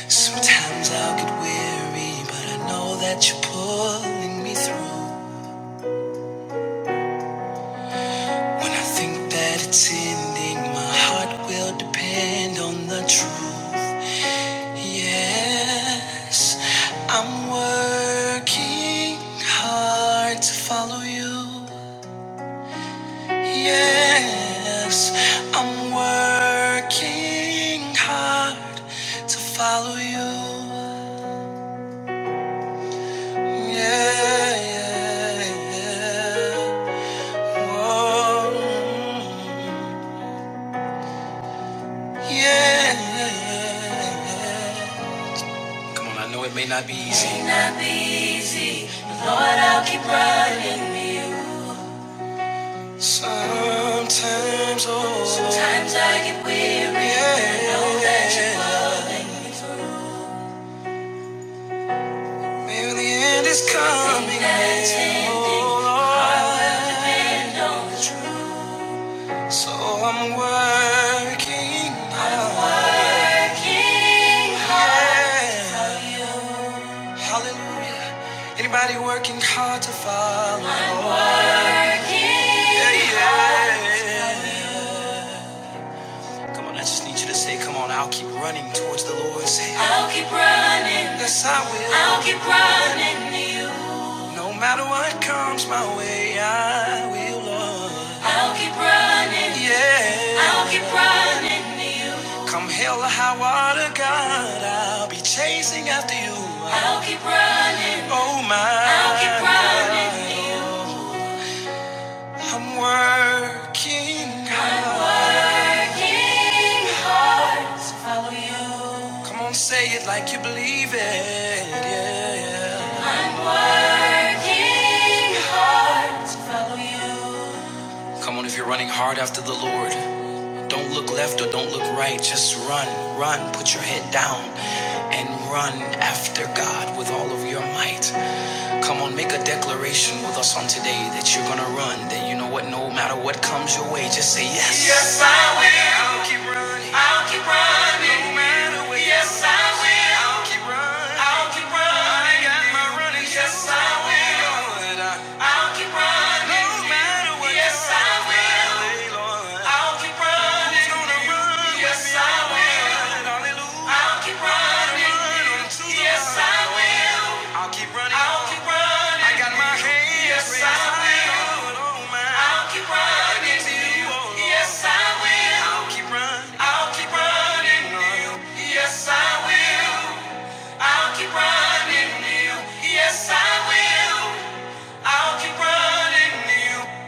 Sometimes I'll get weary, but I know that you're pulling me through. When I think that it's ending, my heart will depend on the truth. Yes, I'm working hard to follow you. Yes, I'm working hard to follow you. Yeah. yeah, Oh, yeah. Come on, I know it may not be easy. Sometimes, oh, maybe the end is coming. So I'm working hard. Hallelujah. Anybody working hard to follow? Come on, I just need you to say, come on, I'll keep running towards the Lord. Say, I'll keep running. Yes, I will. I'll keep running to you. No matter what comes my way, I will, Lord. I'll keep running. Yeah. I'll keep running to you. Come hell or high water, God, I'll be chasing after you. I'll keep running. Oh, my. I'll keep running to you. I'm working hard. Come on, say it like you believe it. Yeah, yeah. Follow you. Come on, if you're running hard after the Lord, don't look left or don't look right. Just run, run. Put your head down and run after God with all of your might. Come on, make a declaration with us on today that you're gonna run. That you know what, no matter what comes your way, just say yes. Yes, I will. I'll keep running. I'll keep running. No matter what. Yes, I will. I'll keep running. I'll keep running. I got my running. Yes, I will. I'll keep running. No matter what. Yes, I will. I'll keep running. I'll keep running. Yes, hallelujah. I'll keep running. Yes, I I'll keep running. I'll keep running. I got my hands yes, raised. I will. I'll keep running to you. Yes, I will. I'll keep running. I'll keep running to you. Yes, I will. I'll keep running to you. Yes, I will. I'll keep running to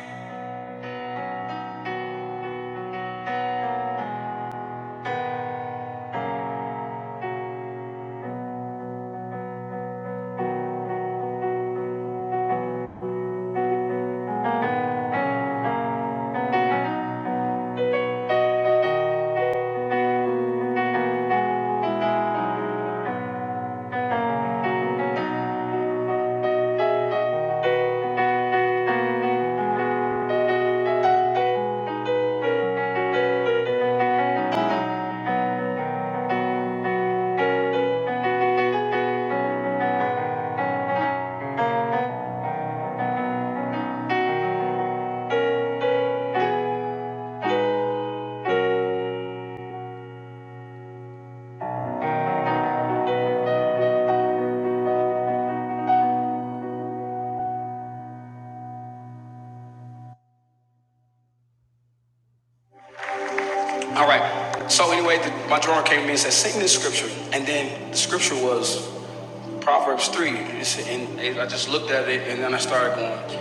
you. So anyway, the, my drummer came to me and said, "Sing this scripture." And then the scripture was Proverbs three. And I just looked at it, and then I started going.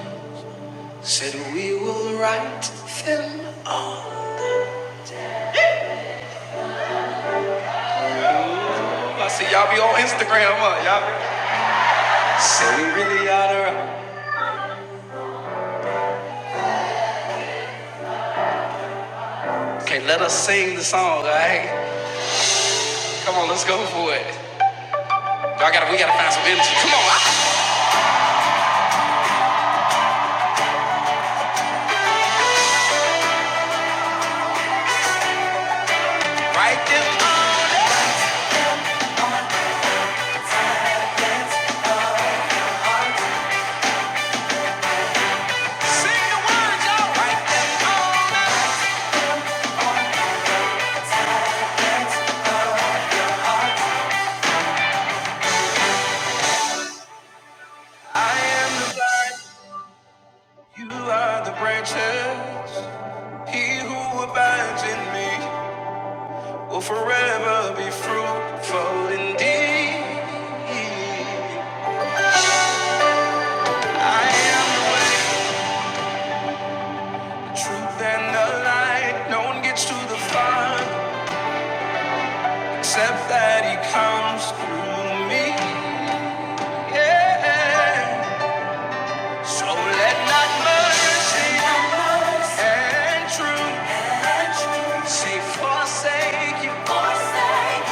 Said we will write them all. I said, y'all be on Instagram, huh? Y'all be- said we really ought to. Okay, let us sing the song, all right? Come on, let's go for it. Y'all gotta, we gotta find some energy. Come on, I- write them. I sing the words, y'all write them all. I am the vine, you are the branches. He who abides in me will forever be fruitful indeed. I am the way. Truth and the light, no one gets to the Father except that He comes through me. Yeah. So let not mercy and truth say forsake you.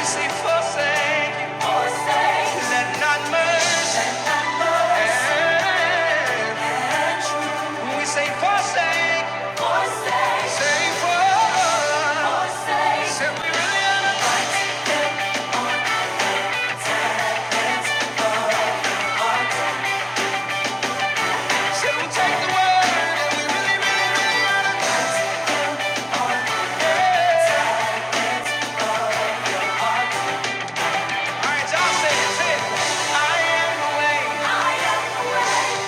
We say forsake you. Let not mercy. We say forsake. Say forsake. Say we really are. Say we take the word. All right, y'all say it. Say it. I am the way.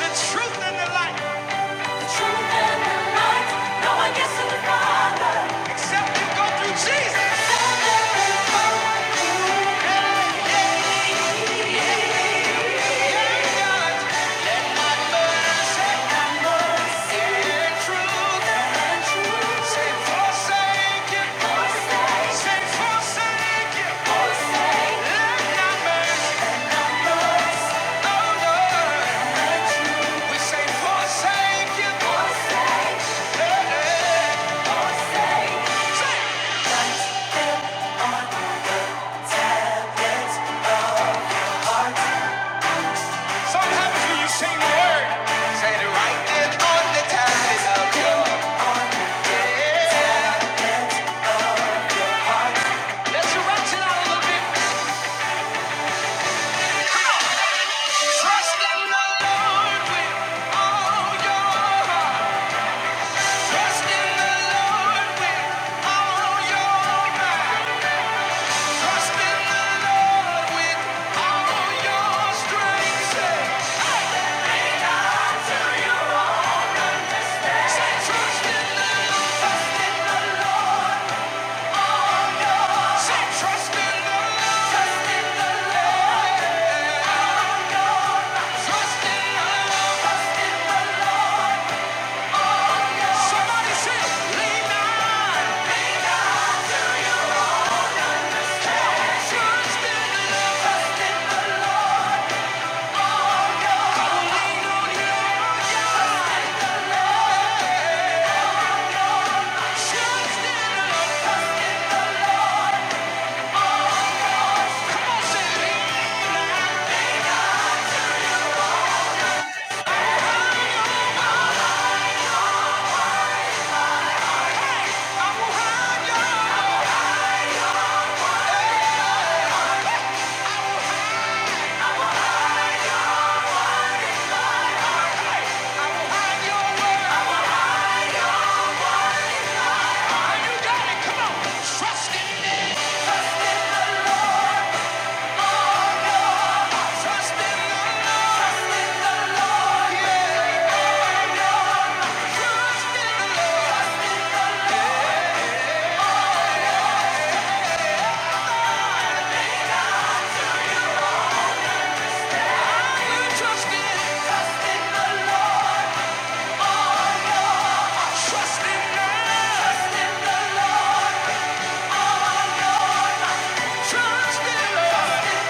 The truth and the light. The truth and the light. No one gets to the Father Except you go through Jesus. The truth. and truth. Say forsake it. Say forsake it. We say forsake it. Yeah. So what happens when you sing the word? Say the right thing on the time Let's erase it out a little bit. Trust in the Lord with all your heart. Trust in the Lord with all your might. Trust in the Lord with all your strength. Say, trust in the Lord. Say, trust in the Lord. Trust in the Lord. Somebody say, lean not. the Lord. Trust in the Lord. Trust in the Lord. Trust in the Lord.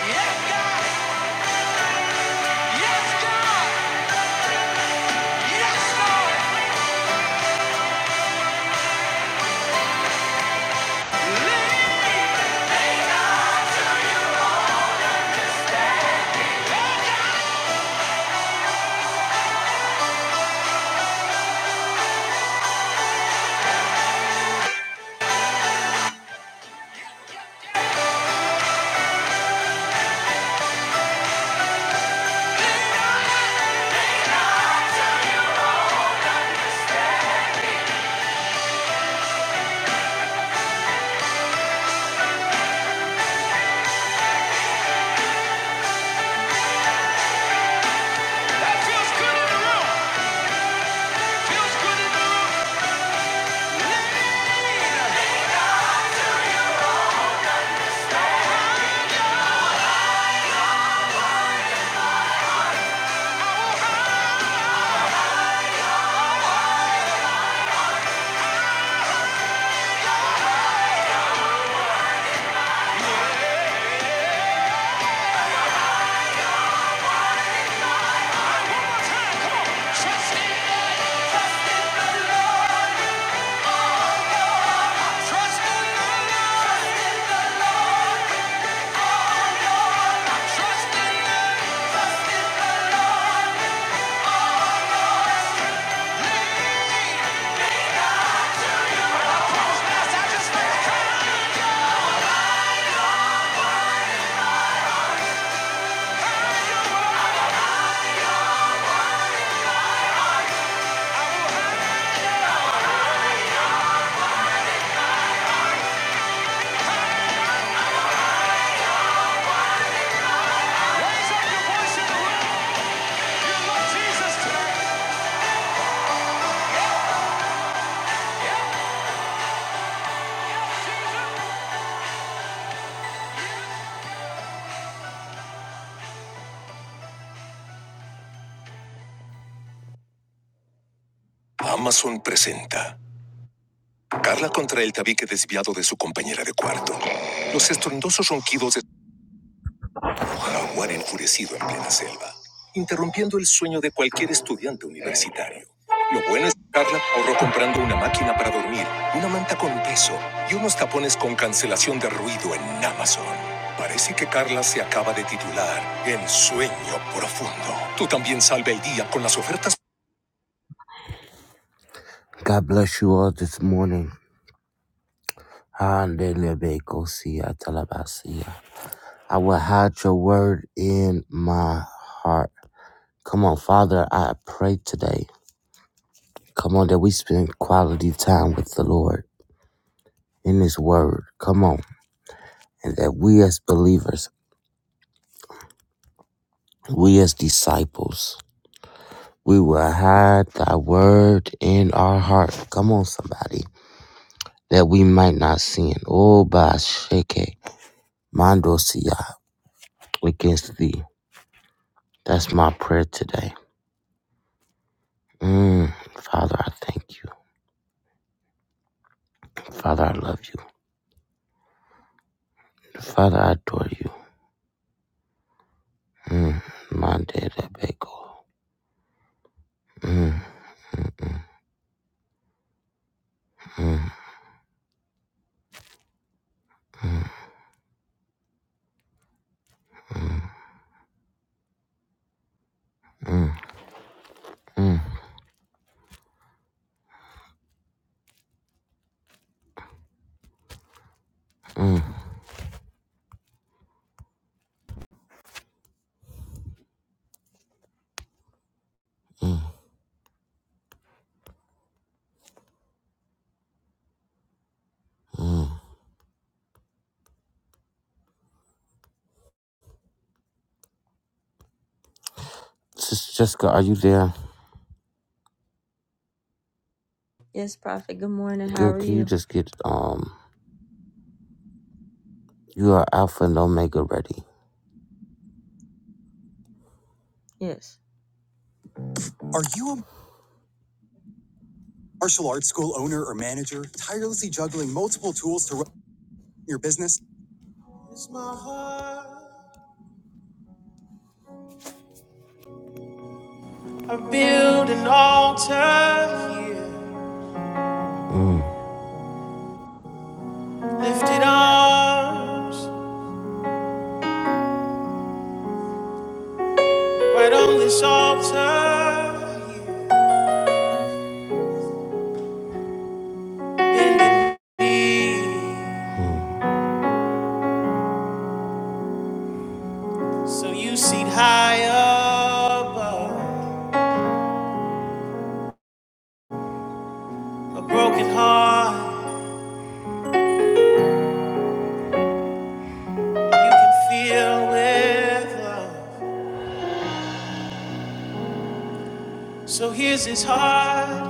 Yes, God. Yes, God. Yes, Lord. Amazon presenta la contra el tabique desviado de su compañera de cuarto. Se estruendoso ronquido. God bless you all this morning. Handelebekosiatalabasiya. I will hide your word in my heart. Come on, Father, I pray today. Come on, that we spend quality time with the Lord. Word, come on. And that we as believers, we as disciples, we will hide thy word in our heart. Come on, somebody. That we might not sin. Oh, Basheke, Mandosia, against thee. That's my prayer today. Mm, Father, I thank you. Father, I love you. Father, I adore you. Mm. My dad, that bagel. Mm. Sister Jessica, are you there? Good. Can you just get um? You are Alpha and Omega ready. Tools to your business. It's my heart. I build an altar here, lifted arms, right on this altar. here. Bending me up, you can feel with love. So here's his heart.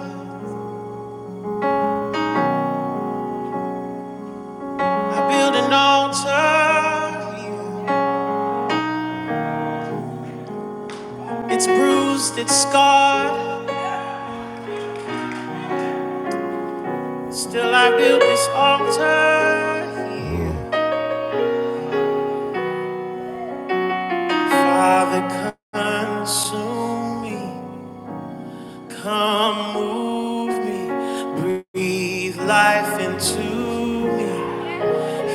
I build an altar. It's bruised, it's scarred. Still, I build this altar here. Father, consume me. Come move me. Breathe life into me.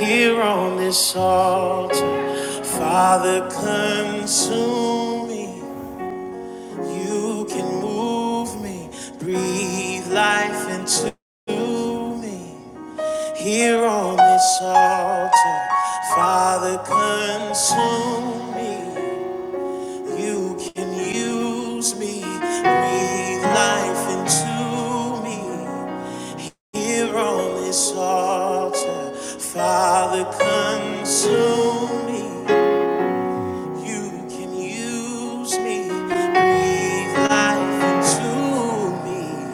Here on this altar. Father, consume me. You can move me. Breathe life into me. Here on this altar, Father, consume me. You can use, Lord, use me, I to me.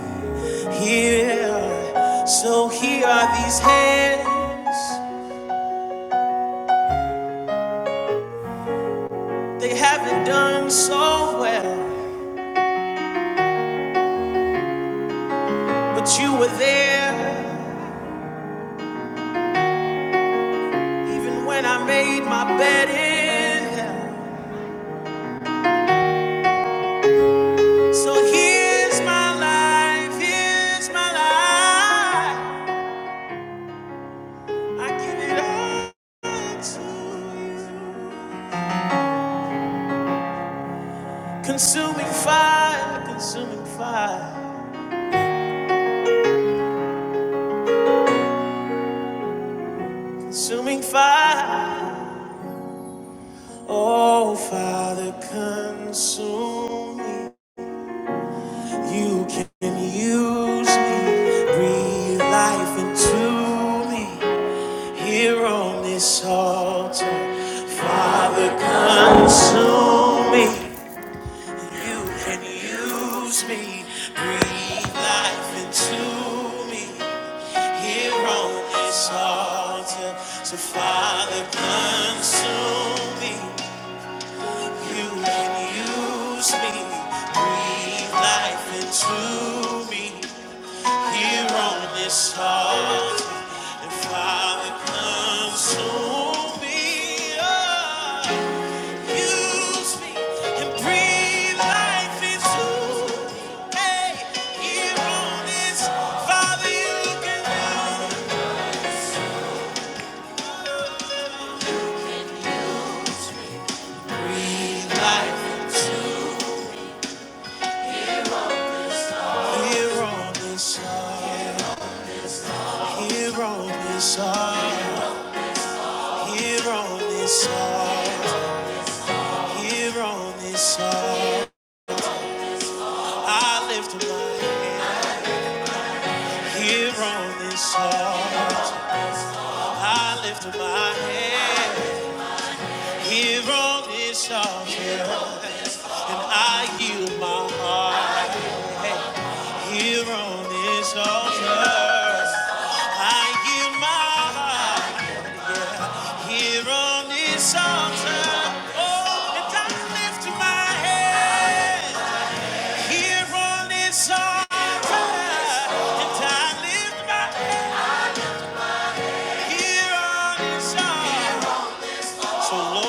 So be so well. So here's my life. I give it all. to You You can use me, breathe life into me. Here on this altar, Father, consume me. You can use me, breathe life into me here on this altar. So, Father, consume me. You can use me, breathe life into me. Here, Father, consume me. Oh, breathe life into me. Hey, on this fire, you can use me. Breathe life into me. Hero is song. Hero is song. Hero is song. Hero is song. I lift him up. Hero is song. Yeah. Hero is altar. I give my Here on this altar. And I lift my Here on this altar. And I lift here on this altar. So Lord.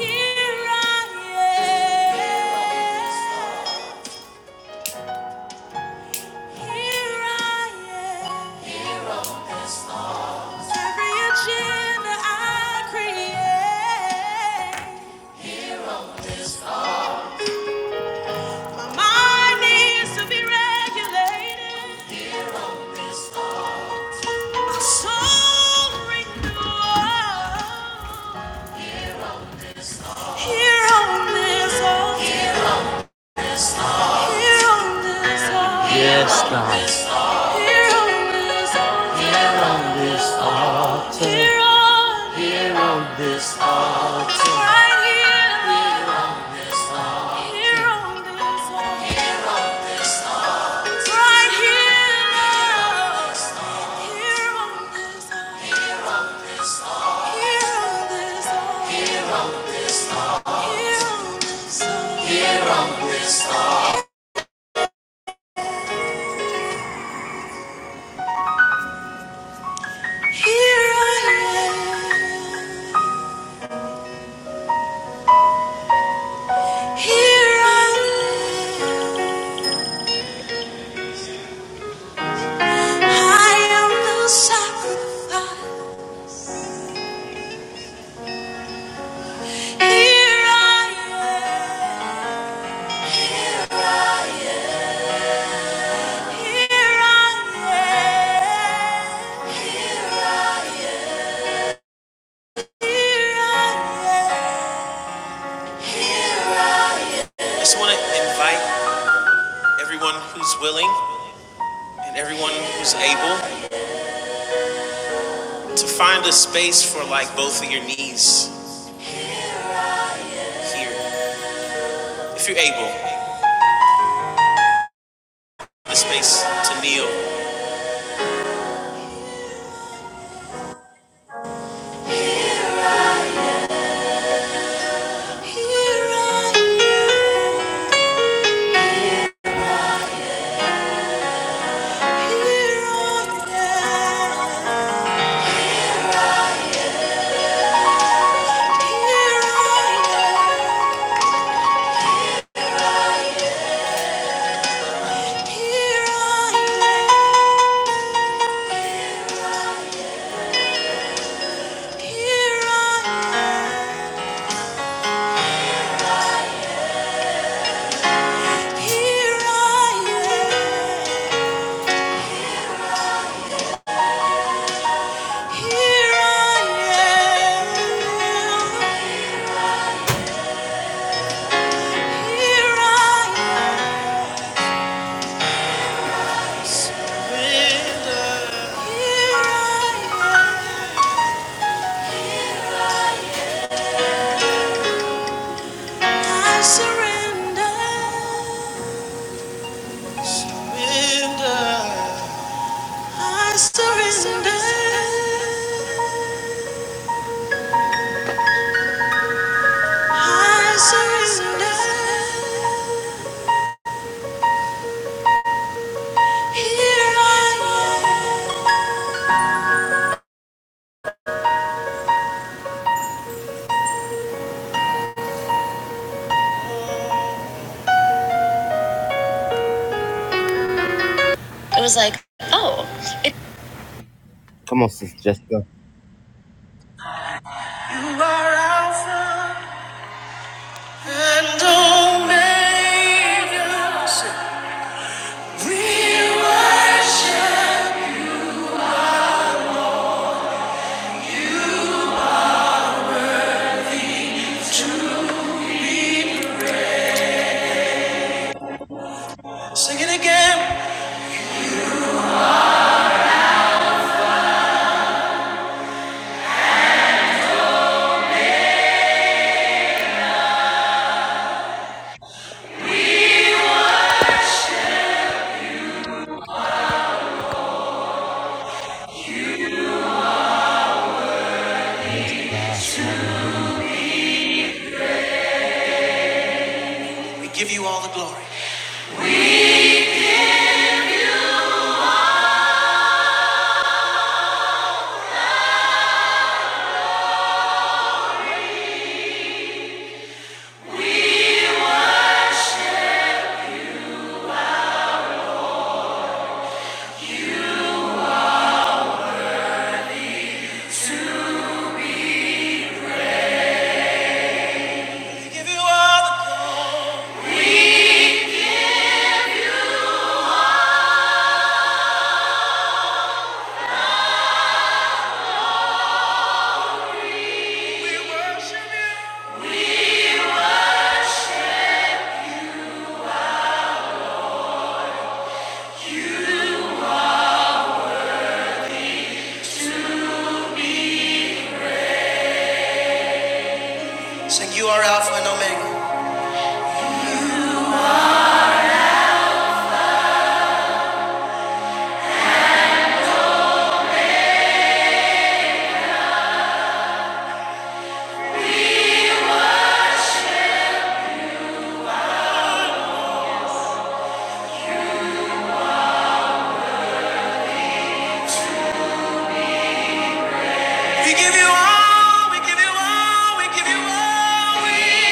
Here I am. Sacrifice. Here I am. Here I. am. Here I am. It was like, oh. Come on, Sister Jessica. Sing it again. We give you all the. Sing you are Alpha and Omega. We give you all, we give you all, we give you all, we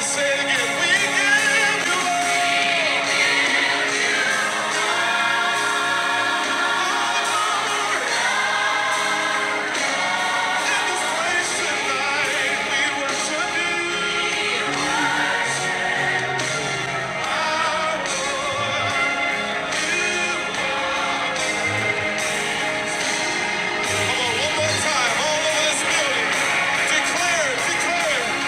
say it again. We give you all praise tonight. We worship you. One more time, all of us building. Declare, declare.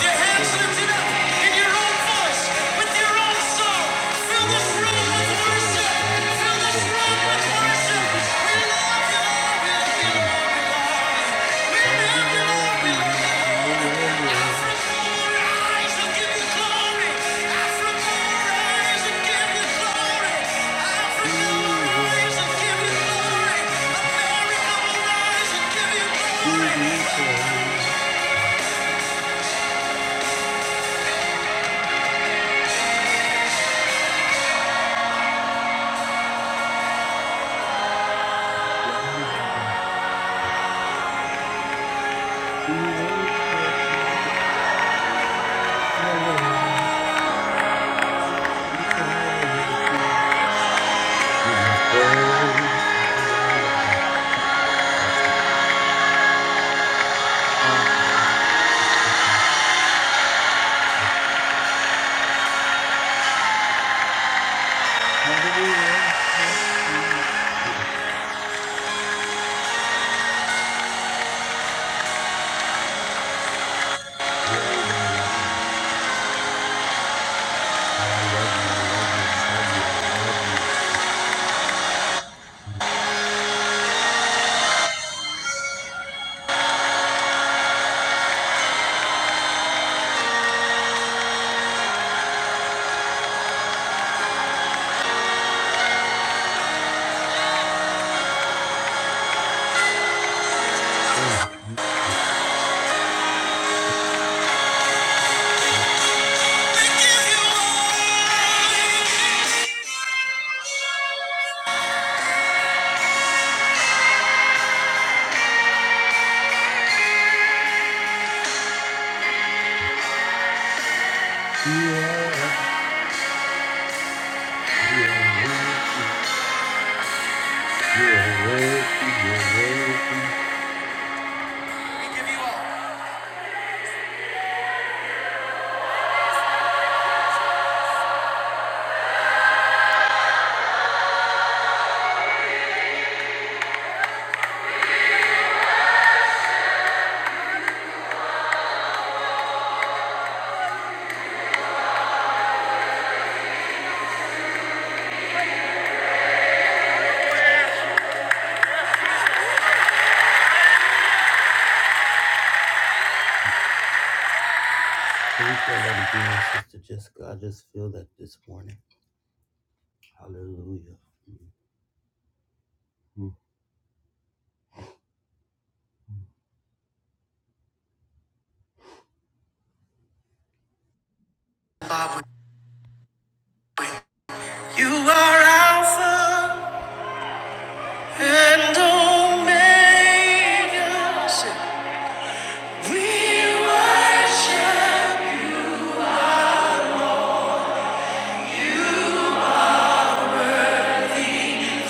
Your hands lifted up in your own voice, with your own song. Fill this room Yande with lebe worship. Fill this bambando room with worship. kolanamandi. We love you, Lord. We love you, Mm. Lord. We love Father, you, we Lord. love you. Yeah, but I love you. I love you. I love you. I love you. Oh, God, you are worthy. You are worthy. You're worthy. Can we play that again, Sister Jessica? I just feel that this morning. Hallelujah. Hmm. You are Alpha and Omega. We worship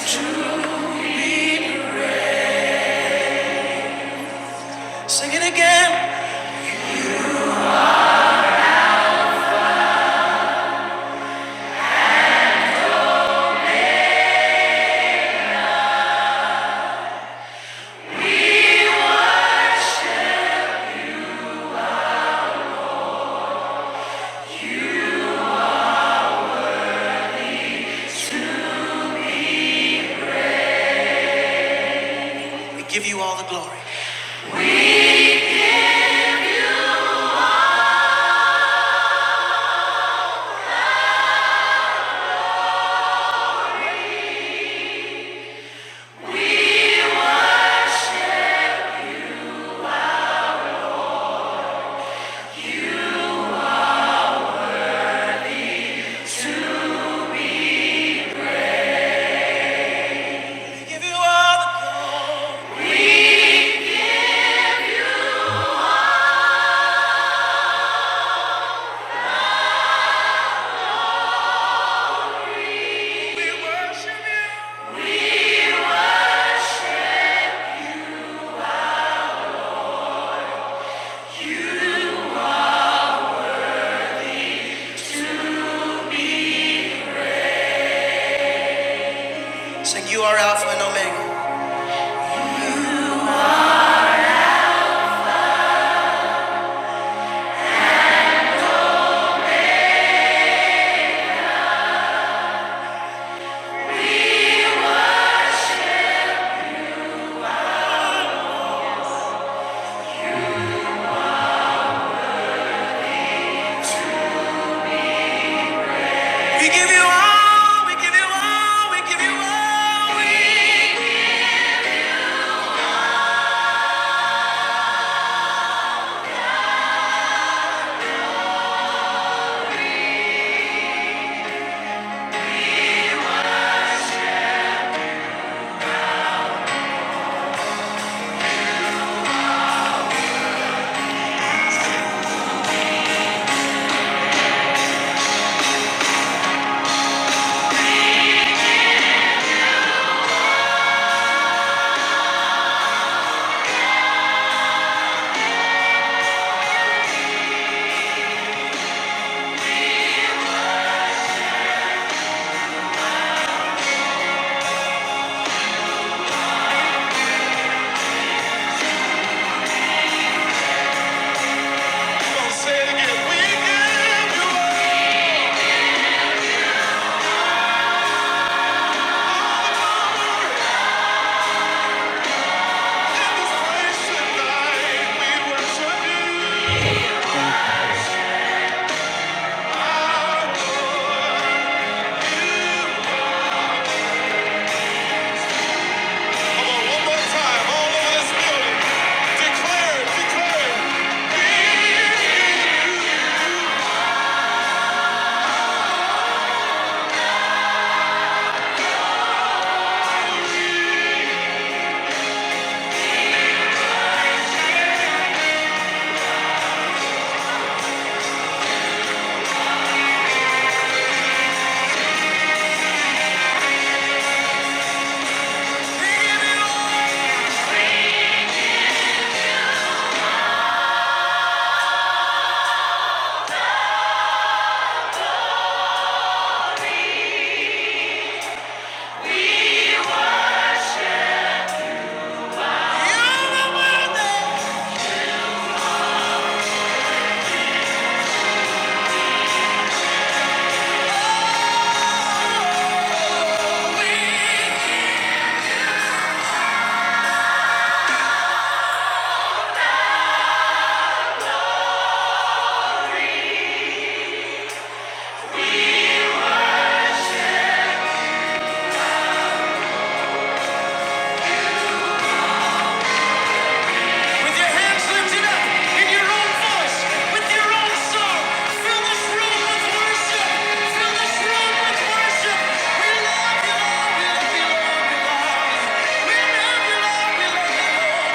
you. Sing it again. We give you all the glory. give you all the Mm, glory. We worship you. Sing, you are Alpha and Omega. mm, mm. We give you all, we give you all, we give you all. We One more time, all over this building. Declare, it, declare. it. With your hands lifted up, in your own voice, with your own song, fill this room with worship. Fill this room with worship. We love you, Lord. We love you, Lord. We love you. We love you, Lord. We love you, Lord.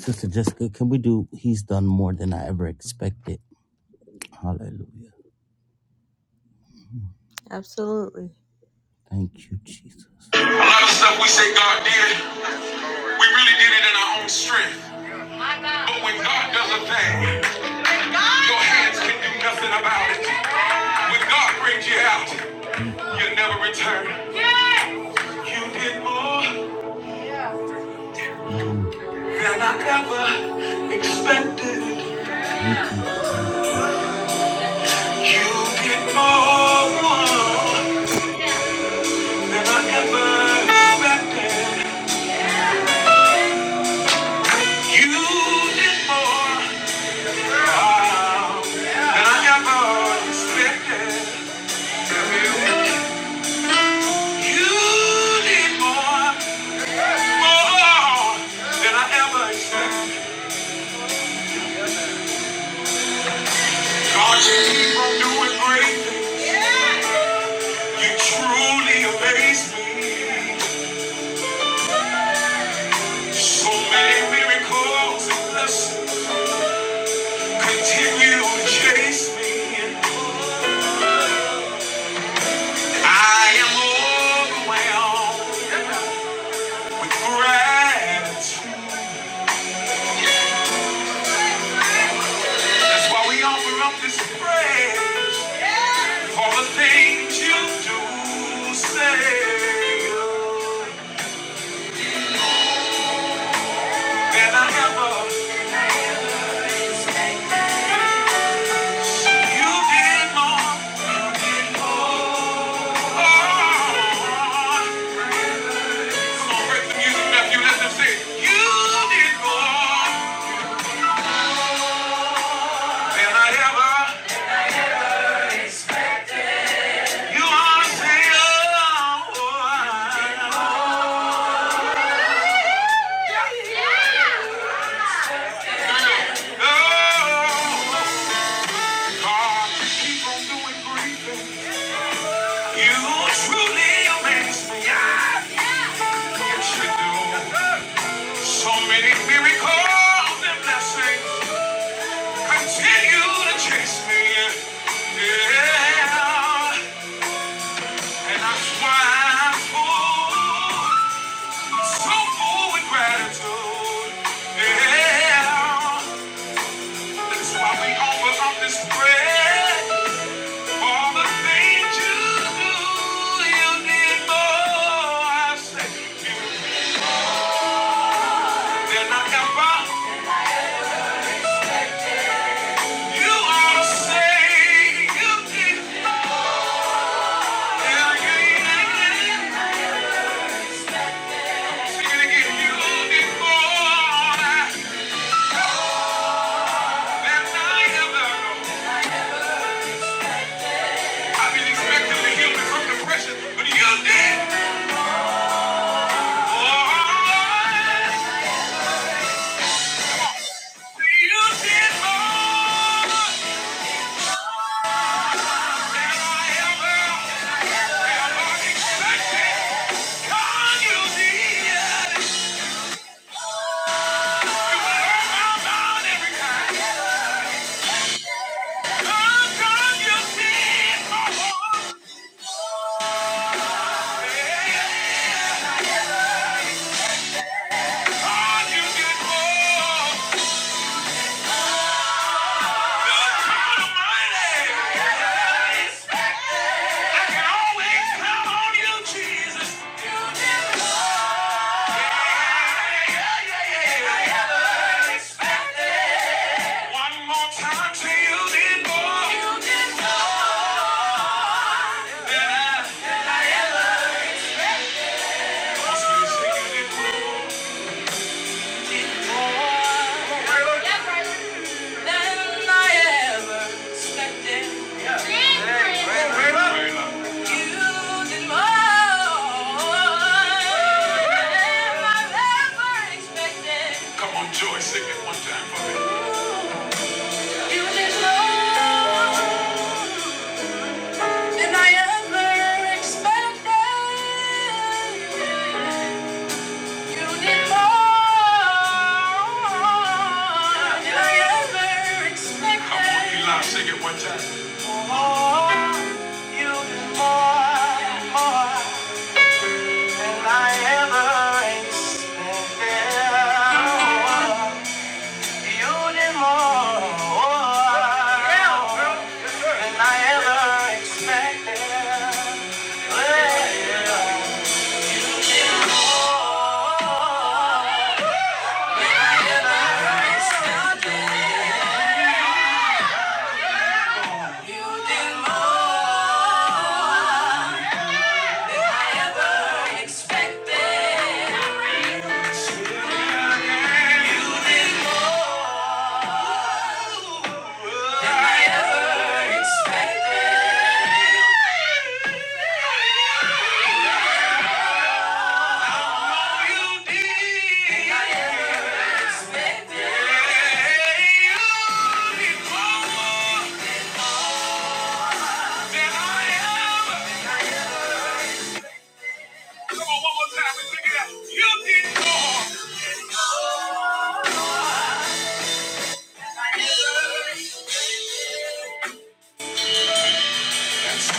Sister Jessica, can we do He's Done More Than I Ever Expected? Hallelujah. Mm. Absolutely. Thank you, Jesus. A lot of stuff we say God did, we really did it in our own strength. But when God does a thing, your hands can do nothing about it. When God brings you out, you never return. Mm, Thank you. You are. Gratitude. Yeah, that's why we offer up this prayer. One more time. You did more. than I ever expected. Yeah. Hey, wait, wait up. You did more than I ever expected. Come on, Joy, sing it one time for me. You did more than I ever expected. You did more than I ever expected. You did more.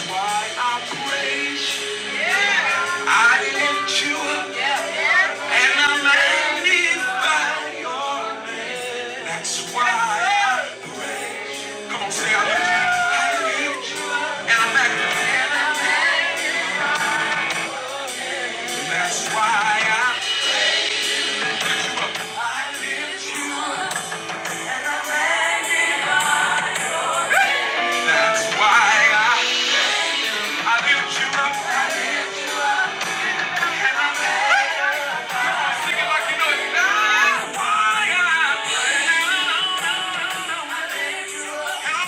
Why I praise you. That's why I, I lift you up. Sing it like you know it. That's I am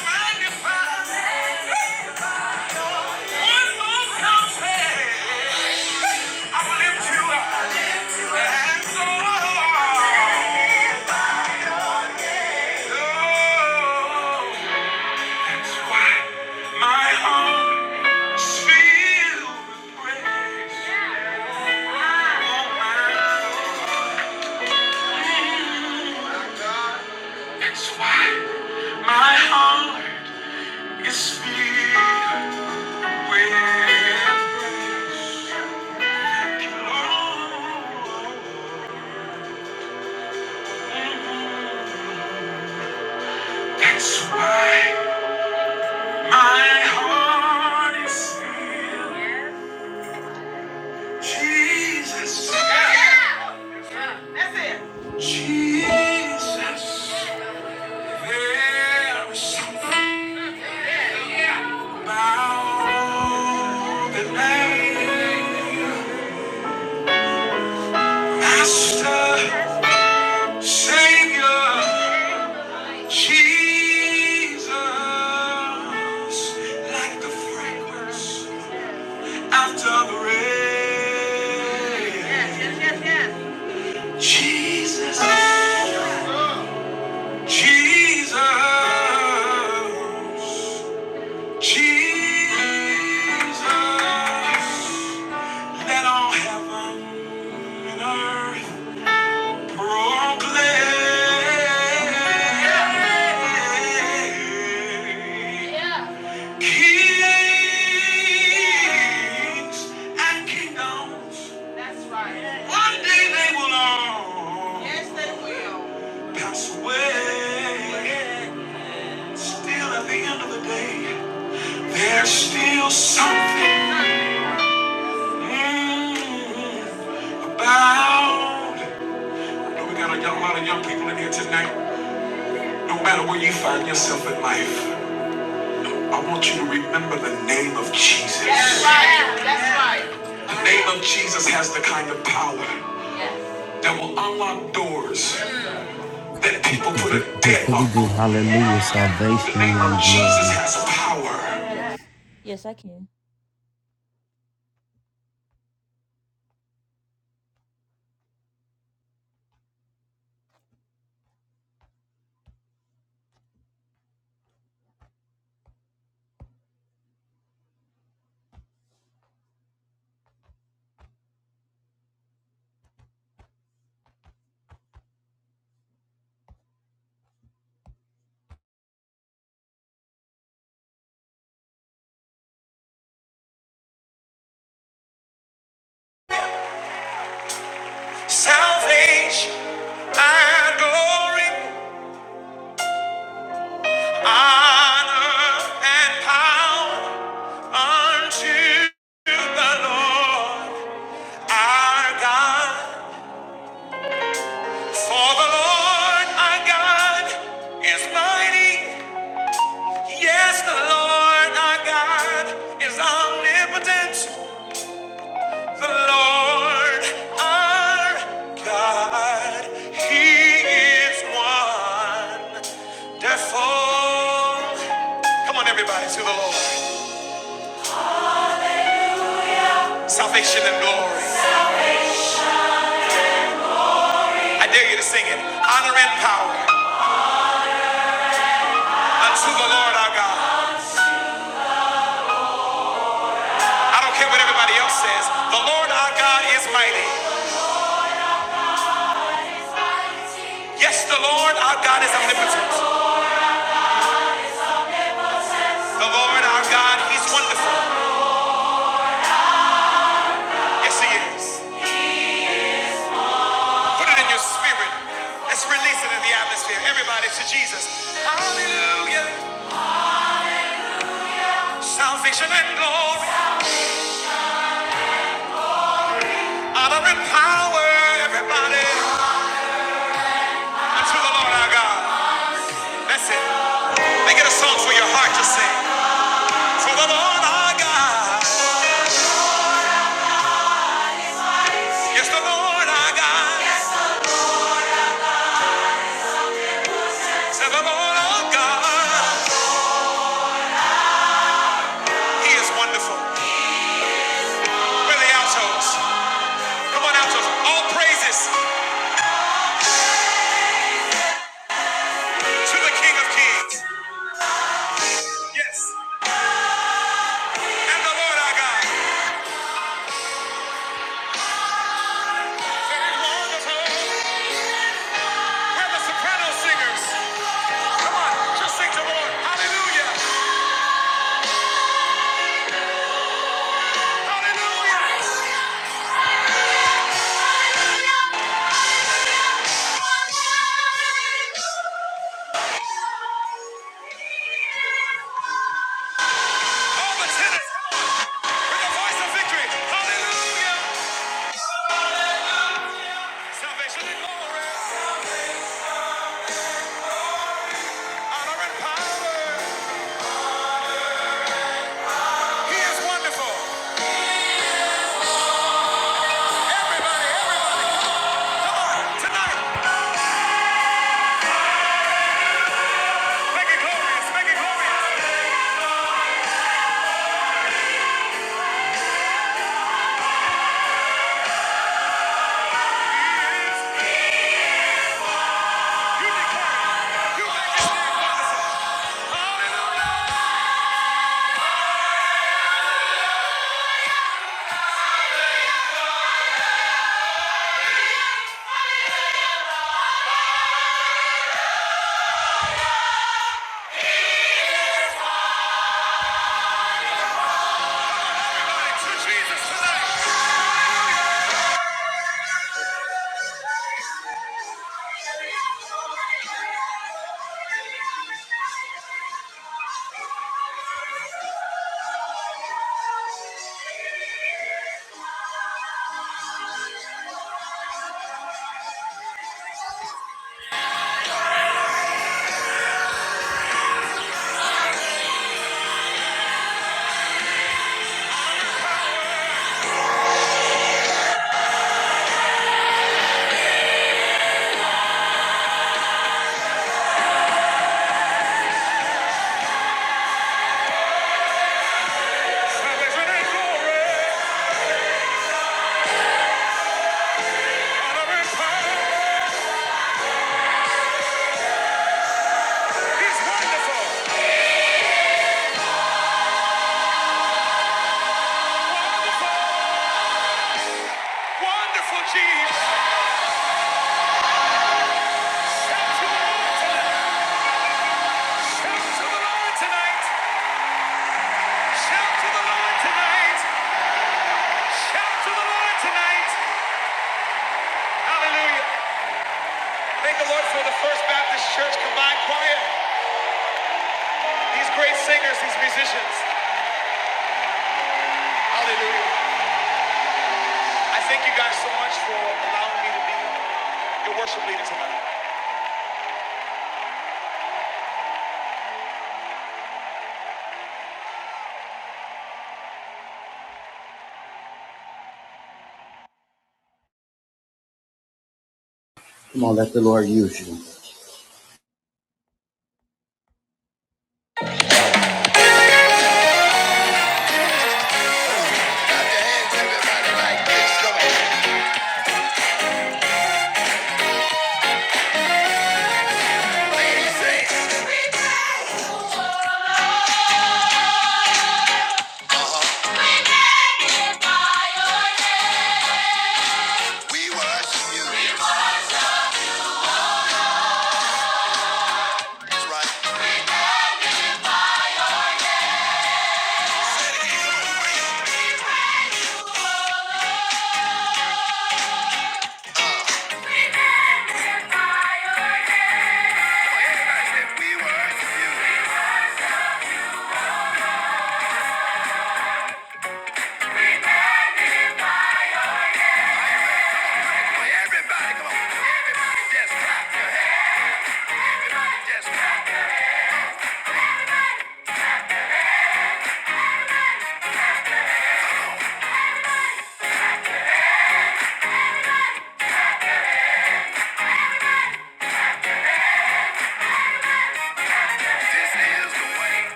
magnified. One I lift you up. so, oh, that's why my arms fill with praise. Oh, that's why my heart is filled. with the Master. Savior Jesus, like the fragrance after the rain. Jesus, Jesus, Jesus, let all heaven and earth proclaim. Kings and kingdoms. Doors that people put Just a because we deadlock. do hallelujah, salvation and Jesus glory. has power. Yes, I can. Salvation and glory, honor and power unto our God. For the Lord God is mighty, and God is our God. He is glorious. He is Lord our God, the Lord our God. Hallelujah. our word. Come on, come on, praises to the King of Kings. Yes, and the Lord our God. We're the soprano singers. just sing hallelujah, hallelujah. All the tenors with the voice of victory. Hallelujah. Salvation and glory, honor and power. He is wonderful. Everybody tonight, make it glorious, make it glorious. You declare, you make Salvation and glory, honor and power. Hallelujah. Thank the Lord for the first baptism. These great singers, these musicians. Hallelujah. I thank you guys so much for allowing me to be your worship leader tonight. Come on, let the Lord use That's right. We worship you.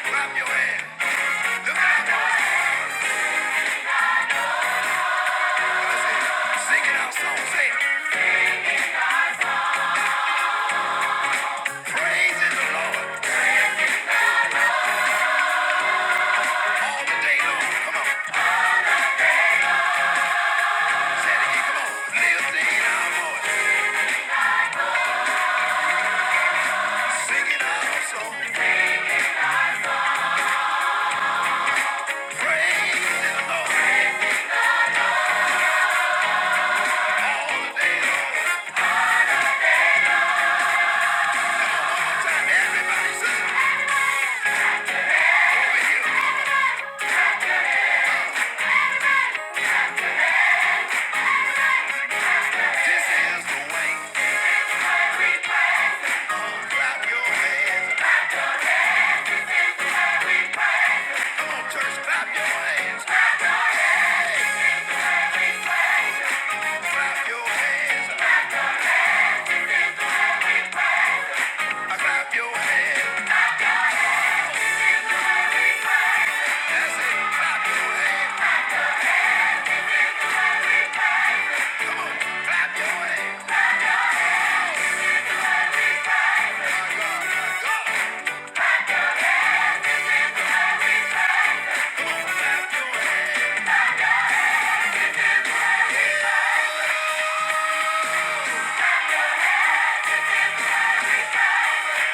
I pray all the day long. Come on. All the day long. Time everybody says,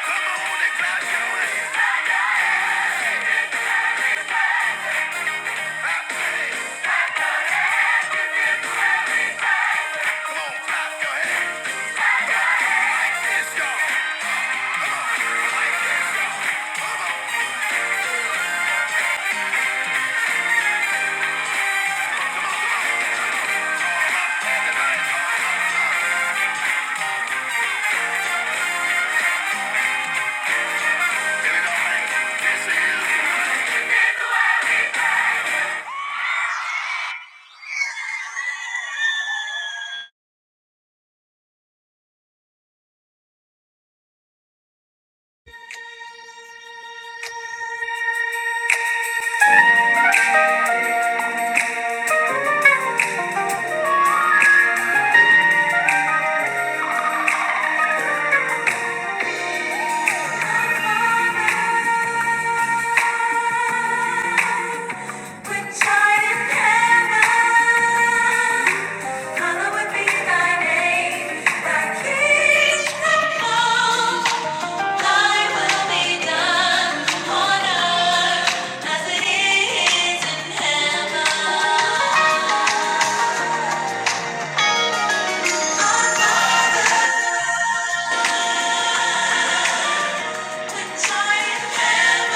come on and clap your hands. As it is in heaven, so in heaven.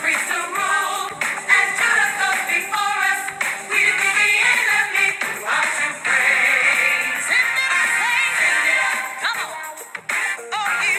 Free to rule, and Jonathan before us, we be the innocent. Give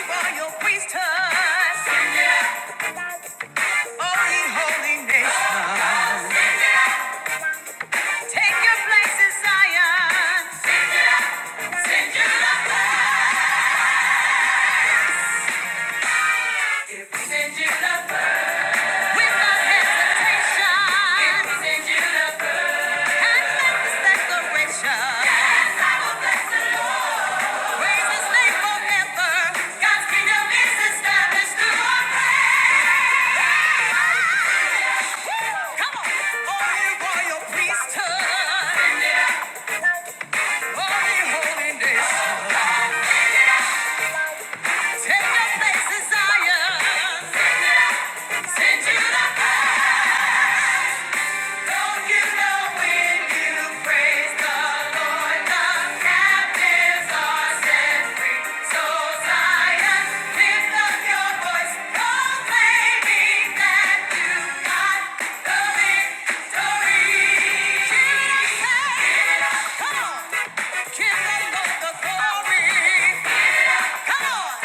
them the glory. Come on.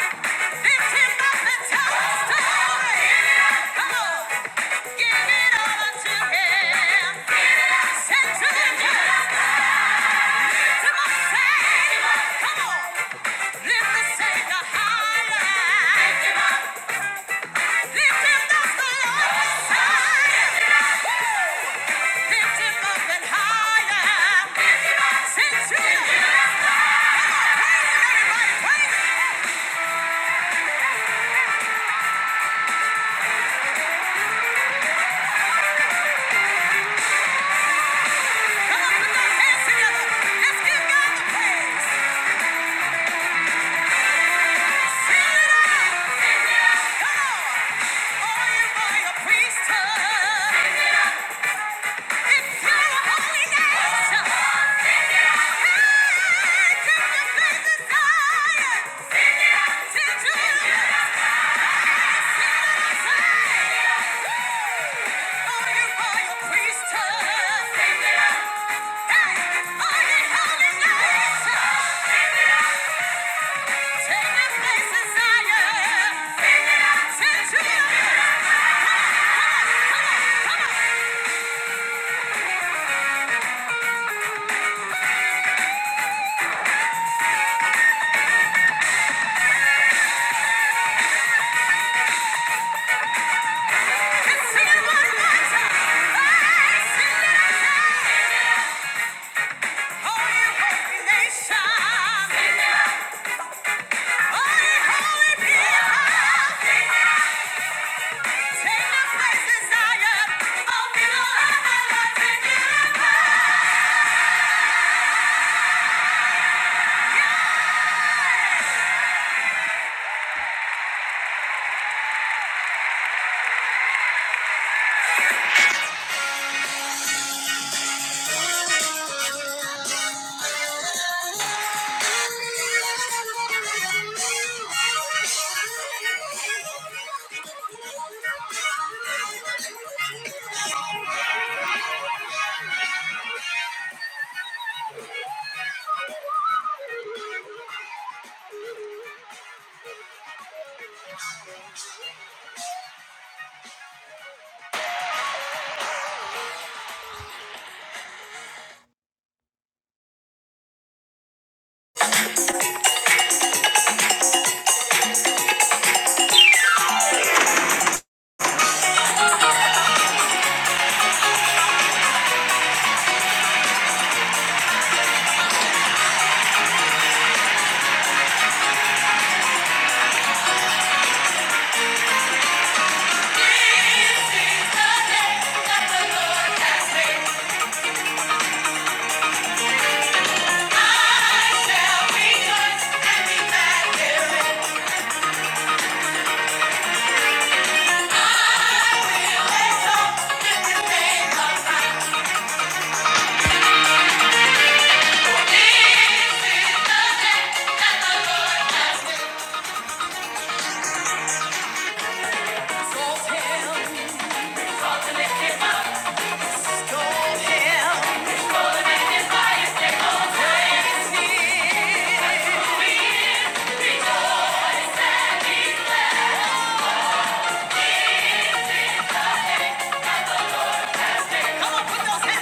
Come on,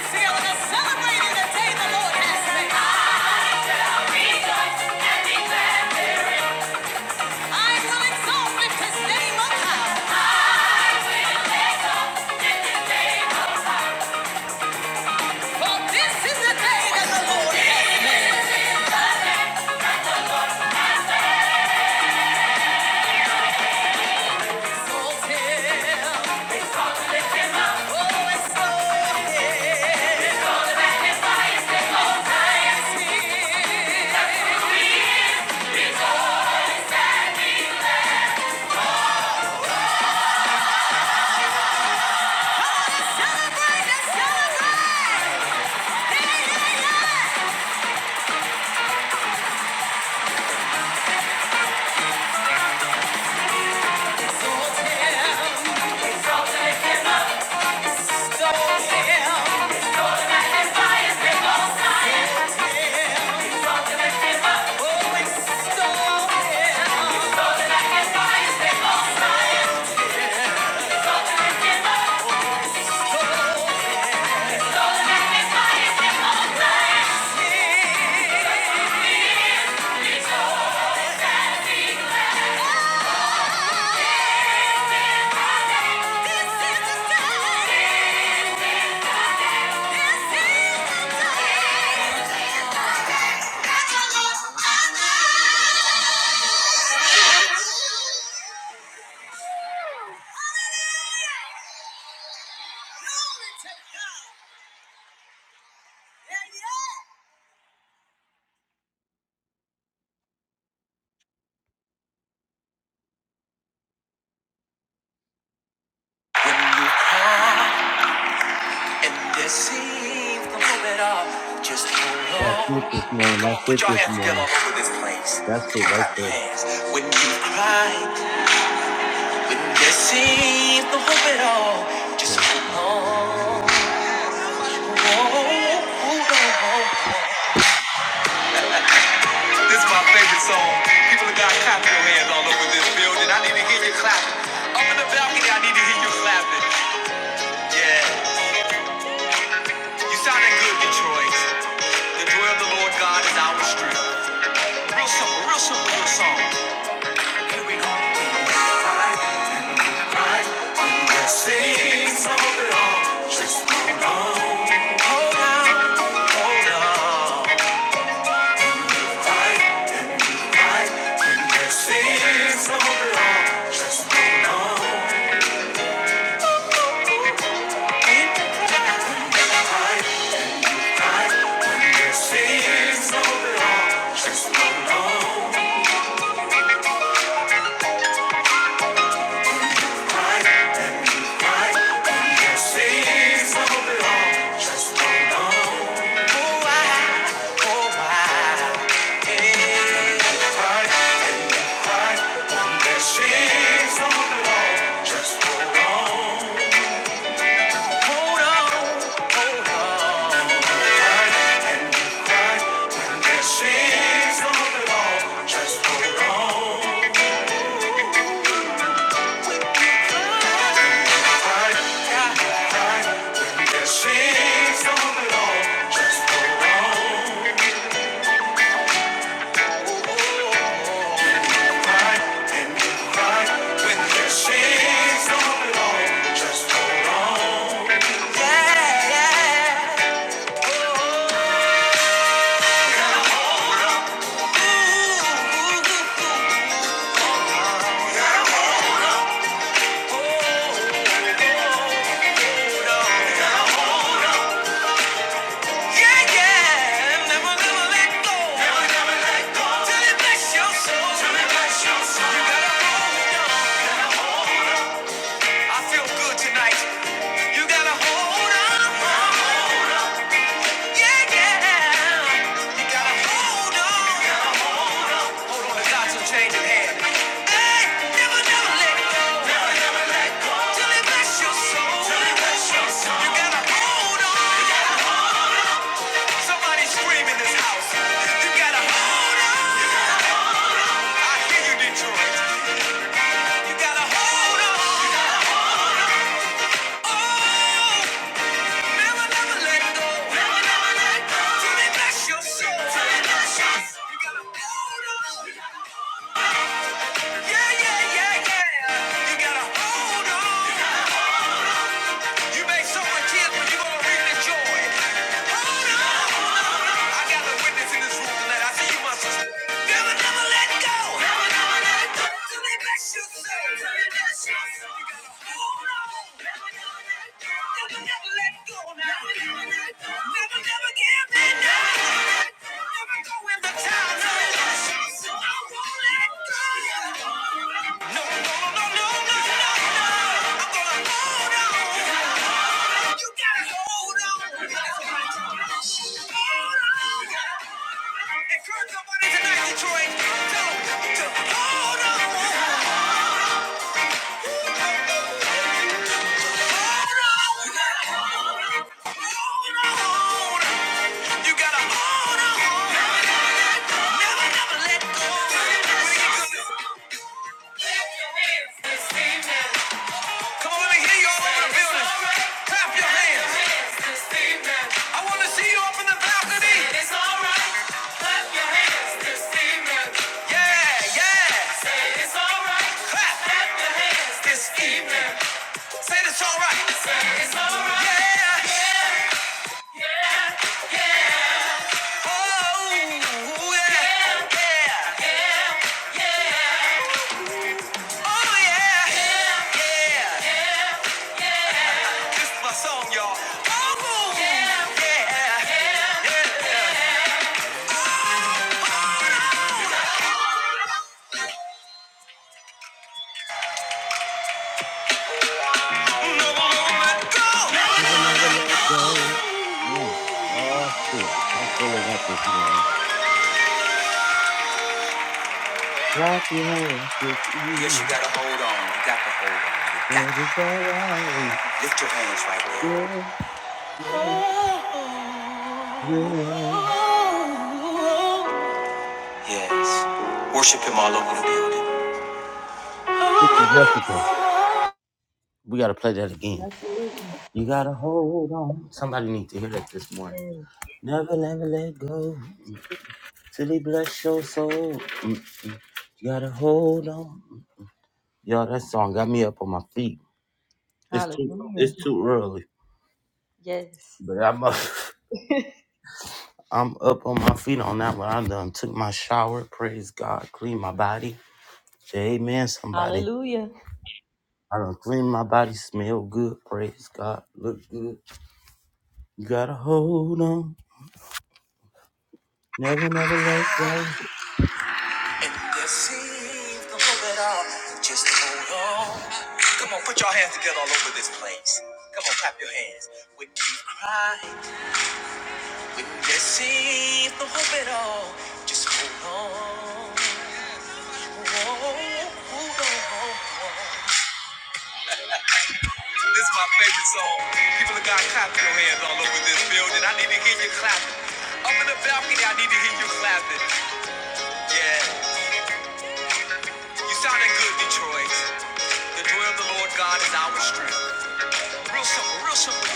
When you come and it seems to move it up, just hold that's on. it this morning. Come That's on, put it your this hands together morning. all over this place. Come That's on, it right clap your there. hands. When you cry, when it seems to move it all, just Just hold hold on. on. Hold on, hold on. This is my favorite song. People have got clap your hands all over this building. I need to hear you clapping. Up in the balcony, I need to hear you clapping. Yeah, you sounding good, Detroit. The joy of the Lord God is our strength. Yeah, yeah. Yeah, yeah. You gotta, yeah, you gotta hold on. You make someone tears, but you're gonna reap the joy. Hold on. I got a witness in this room tonight. I see you, my sister. Never, never let go. Never, never let go. Never, never Never, never let go Never, never Never, never give me now. Detroit, don't, don't, hold on. You gotta hold on. Never, never let go. Bring it to me. Come on, let me hear you all over the building. Clap your hands. I want to see you up in the balcony. it's alright. Clap your hands Yeah, yeah. Say it's alright. Clap. Clap your hands this evening. Say this all right. Say it's alright. Yeah. yeah. Oh. Never, never let go. Mm. Oh shoot. I'm feeling that this morning. Clap your hands this Yes, you evening. gotta hold on. You got to hold on. You got- it's alright. Lift your hands. Yeah, yeah, yeah. Yes. worship Him, all over. Sister Jessica. We gotta play that again. You gotta hold on. Somebody needs to hear that this morning. Never, never let go till he bless your soul. Mm-mm. You gotta hold on. Yo, that song got me up on my feet. It's too, it's too early, but I'm up, I'm up on my feet on that one. I done took my shower. Praise God, clean my body. Say amen, somebody. I done clean my body, smell good. Praise God, look good. You gotta hold on. Never, never let go. And deceive the hope at Just hold on. Come on, put your hands together all over this place. Come on, clap your hands. When you cry, when there seems no hope at all. Just hold on. This is my favorite song with this building. I need to hear you clapping. Up in the balcony, I need to hear you clap. God is our strength. Something real simple.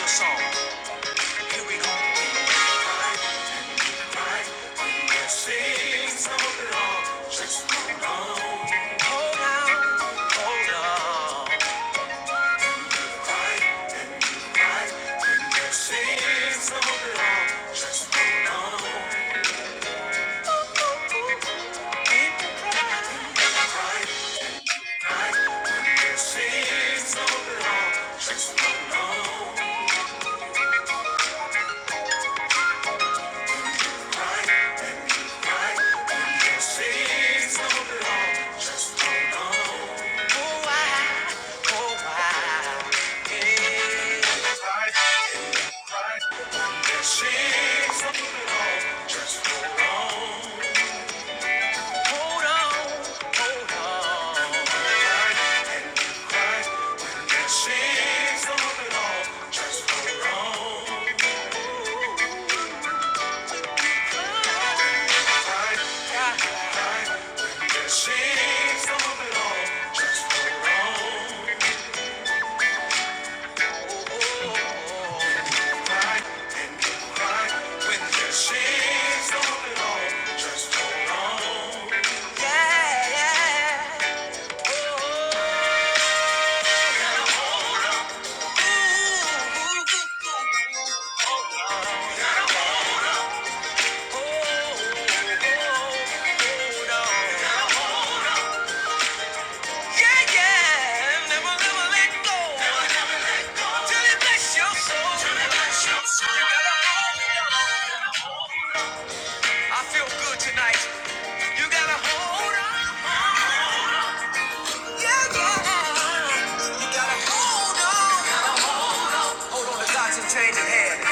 Oh, I, Oh, I, Hold on. Hold on. Till it bless your soul. Till it bless your soul. You gotta hold on. I feel good tonight. You gotta hold on. Yeah, yeah. You gotta hold on. Hold on to God's unchanging hand.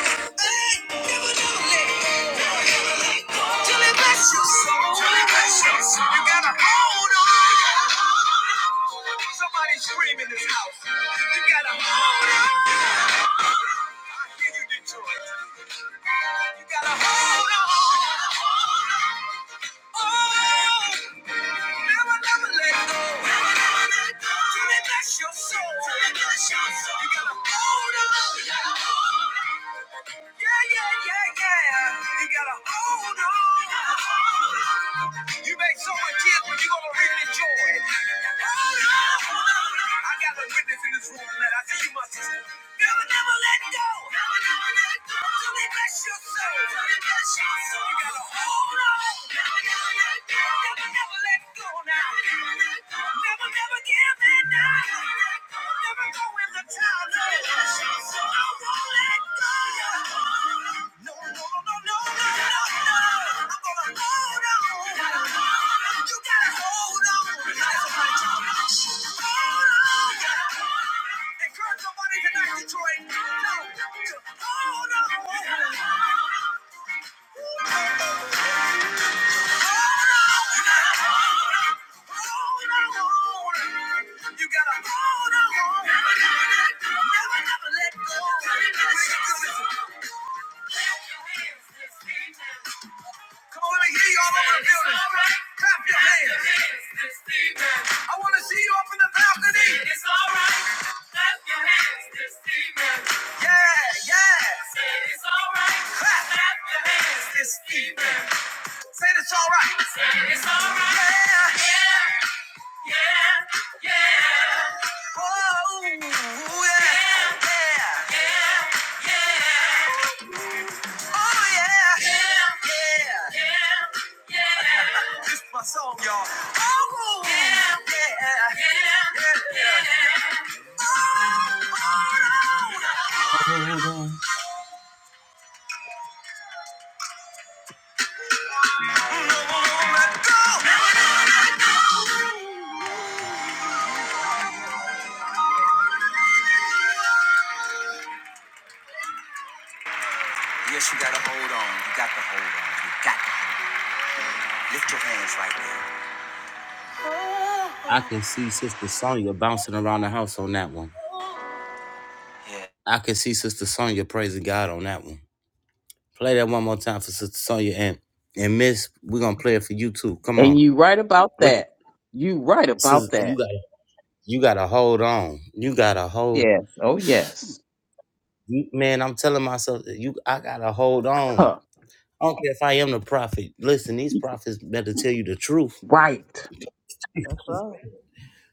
Your soul. You gotta hold Never, never let go. Never, never let go. Till bless your soul. Till bless your soul. You gotta hold on. Never, never let go. Never, never let go Never, never Detroit. No. Hold on. Come on and hear you all over the building. Clap your hands. I want to see you up in the balcony. It's all right. Clap your hands. This demon. Yeah, yeah. It's all right. Clap. Clap your hands. This demon. Say it's alright. Said it's alright. Yeah. yeah. Oh, yeah. Yeah. yeah. Oh, yeah. Yeah. Yeah. yeah. This is my song, y'all. Oh, yeah. Yeah. Yeah. yeah. yeah. Yes, you gotta hold on. You got to hold on. You got to lift your hands right there. I can see Sister Sonya bouncing around the house on that one. Yeah. I can see Sister Sonya praising God on that one. Play that one more time for Sister Sonya and and Miss. We're gonna play it for you too. Come on, And you right about what that. You right about Sis- you that. got? You gotta hold on. You gotta hold. Yes. Oh yes. You, man, I'm telling myself that you. I gotta hold on. Huh. I don't care if I am the prophet. Listen, these prophets better tell you the truth. Right.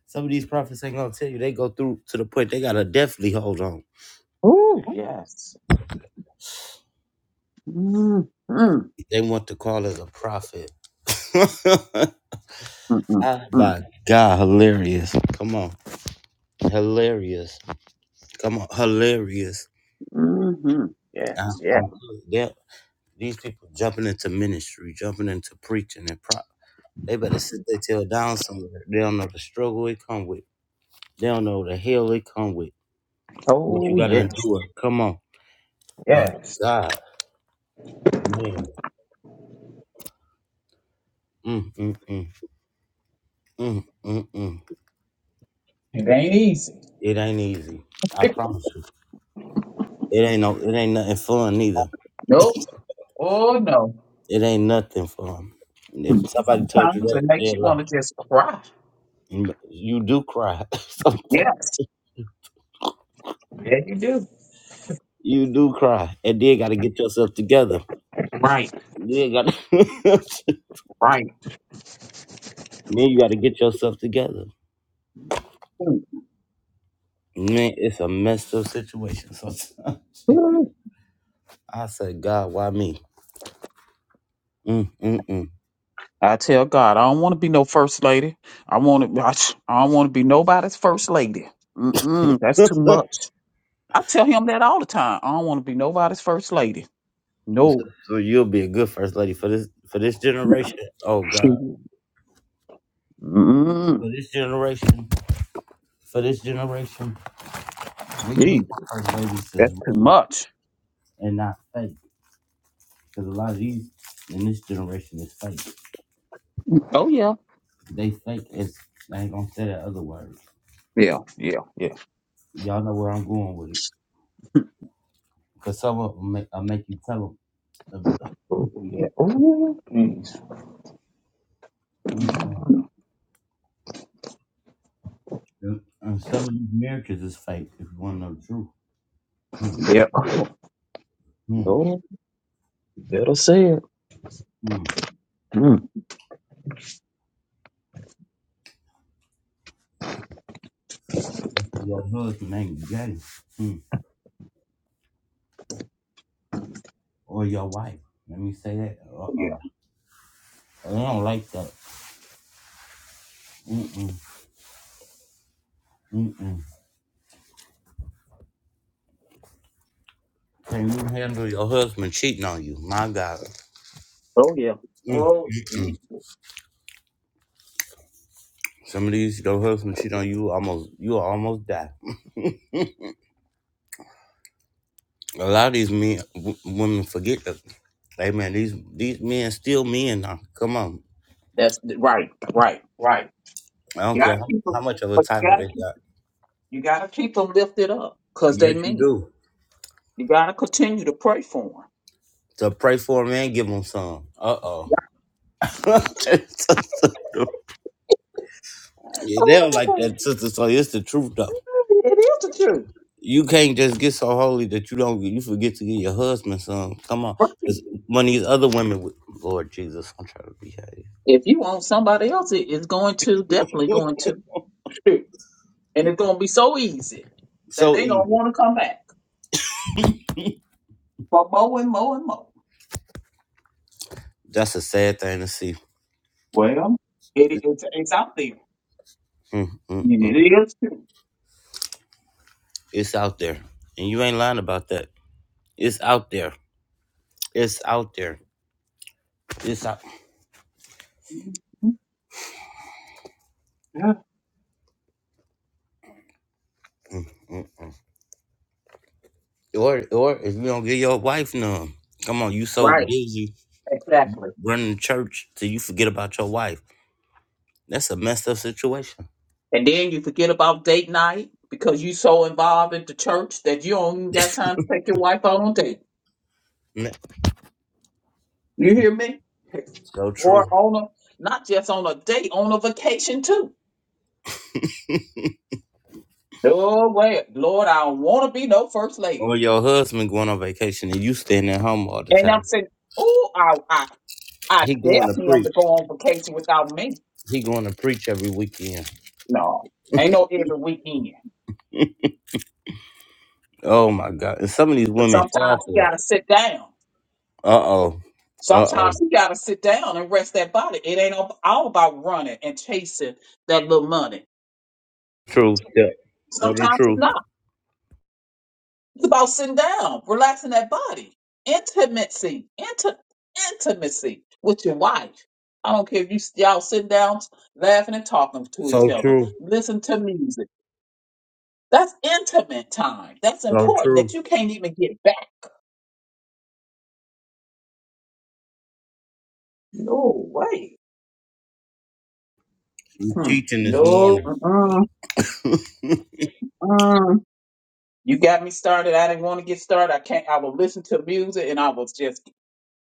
Some of these prophets ain't gonna tell you. They go through to the point. They gotta definitely hold on. Oh yes. Mm, mm, They want to call us a prophet. mm, mm, Ah, mm, my God, hilarious. Come on. Hilarious. Come on, hilarious. mm-hmm. Yes. I, Yes. I'm yeah, these people jumping into ministry, jumping into preaching and prop. They better sit their tail down somewhere. They don't know the struggle they come with. They don't know the hell they come with. What you Oh gotta yes. endure. Come on. My Yes. God. Man. Mm, mm, mm, mm, mm, mm. It ain't easy. It ain't easy. I promise you. It ain't no it ain't nothing fun neither. Nope. Oh no. It ain't nothing fun. If Hmm. somebody told you Sometimes it that, makes they you want lie. to just cry. You do cry sometimes. Yes. Yeah, you do. You do cry, and then got to get yourself together. Right. Then got to, then Right. you got to get yourself together. Man, it's a messed up situation. Sometimes Hmm. I said, God, why me? Mm, mm, I tell God, I don't want to be no first lady. I want to. I, I don't want to be nobody's first lady. Mm-mm, that's too mm. much. I tell him that all the time. I don't want to be nobody's first lady. so, No. so you'll be a good first lady for this for this generation. Oh God, She- Mm-mm, for this generation, for this generation, we need gee, first ladies that's that's too real much. and not fake. Because a lot of these in this generation is fake. Oh yeah, They fake is I ain't gonna say that other word. yeah, yeah, yeah. Y'all know where I'm going with it. Because some of them make, I make you tell them. Oh, yeah. Oh, please. Mm-mm. And and some of these marriages is fake if you want to know the truth. Hmm. Yeah. Hmm. No, you better say it. Hmm. Mm. That's why your husband ain't gay. Hmm. Or your wife. Let me say that. Uh-uh. Yeah. I don't like that. Mm-mm. Mm-mm. Can you handle your husband cheating on you? My God. Oh yeah. Oh, Mm-mm. gee. Some of these, your husband cheat on you, almost you almost die. A lot of these men, w- women forget that. Hey man, these these men still men now. Come on, that's right, right, right. I don't You care gotta how, keep how 'em- much of a but you title gotta they keep. got. You got to keep them lifted up because they Yes, you mean. it. do. You got to continue to pray for them. To pray for a man, give them some. Uh oh. yeah, they don't Oh my like that, sister. So it's the truth though. God, it is the truth. You can't just get so holy that you don't you forget to get your husband some. Come on, Right. 'Cause one of these other women, would- Lord Jesus, I'm trying to behave If you want somebody else, it's going to definitely going to, shoot. and it's going to be so easy that so they don't easy. want to come back for more and more and more. That's a sad thing to see. Well, it, it's, it's out there, Mm, mm, and mm. it is true. It's out there. And you ain't lying about that. It's out there. It's out there. It's out. Mhm. Yeah. Mm, mm, mm. Or or if you don't get your wife none, come on, you so Right, busy exactly. running the church till you forget about your wife. That's a messed up situation. And then you forget about date night because you so involved in the church that you don't even got time to take your wife out on date. Mm, You hear me? So Or true. on a not just on a date, on a vacation too. No way, Lord, I don't want to be no first lady. Or your husband going on vacation and you staying at home all the And I'm time. saying, oh, I, I, I He going dare to him preach. to go on vacation without me. He going to preach every weekend. No, ain't no every weekend. Oh my God! And some of these But women fall sometimes you for gotta it. sit down. Uh oh. Uh oh. Sometimes you gotta sit down and rest that body. It ain't all all about running and chasing that little money. True. Yeah. Tell true. Sometimes it's not. It's about sitting down, relaxing that body, intimacy, inti- intimacy with your wife. I don't care if you y'all sitting down, laughing and talking to each So other, true. listen to music. That's intimate time. That's So important true. that you can't even get back. No way. You Hmm. teaching this No. morning. Mm-mm, mm. You got me started. I didn't want to get started. I can't. I will listen to music and I was just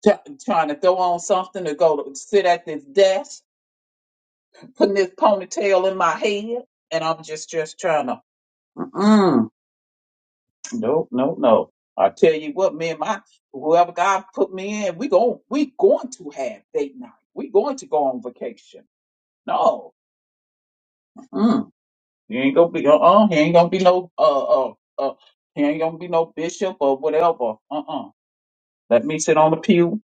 t- trying to throw on something to go to sit at this desk putting this ponytail in my head, and I'm just just trying to. Mm-mm. No, no, no. I tell you what, me and my whoever God put me in, we going we going to have date night. We going to go on vacation. No, mm. you ain't gonna be uh uh. He ain't gonna be no uh uh uh. He ain't gonna be no bishop or whatever. Uh uh. Let me sit on the pew.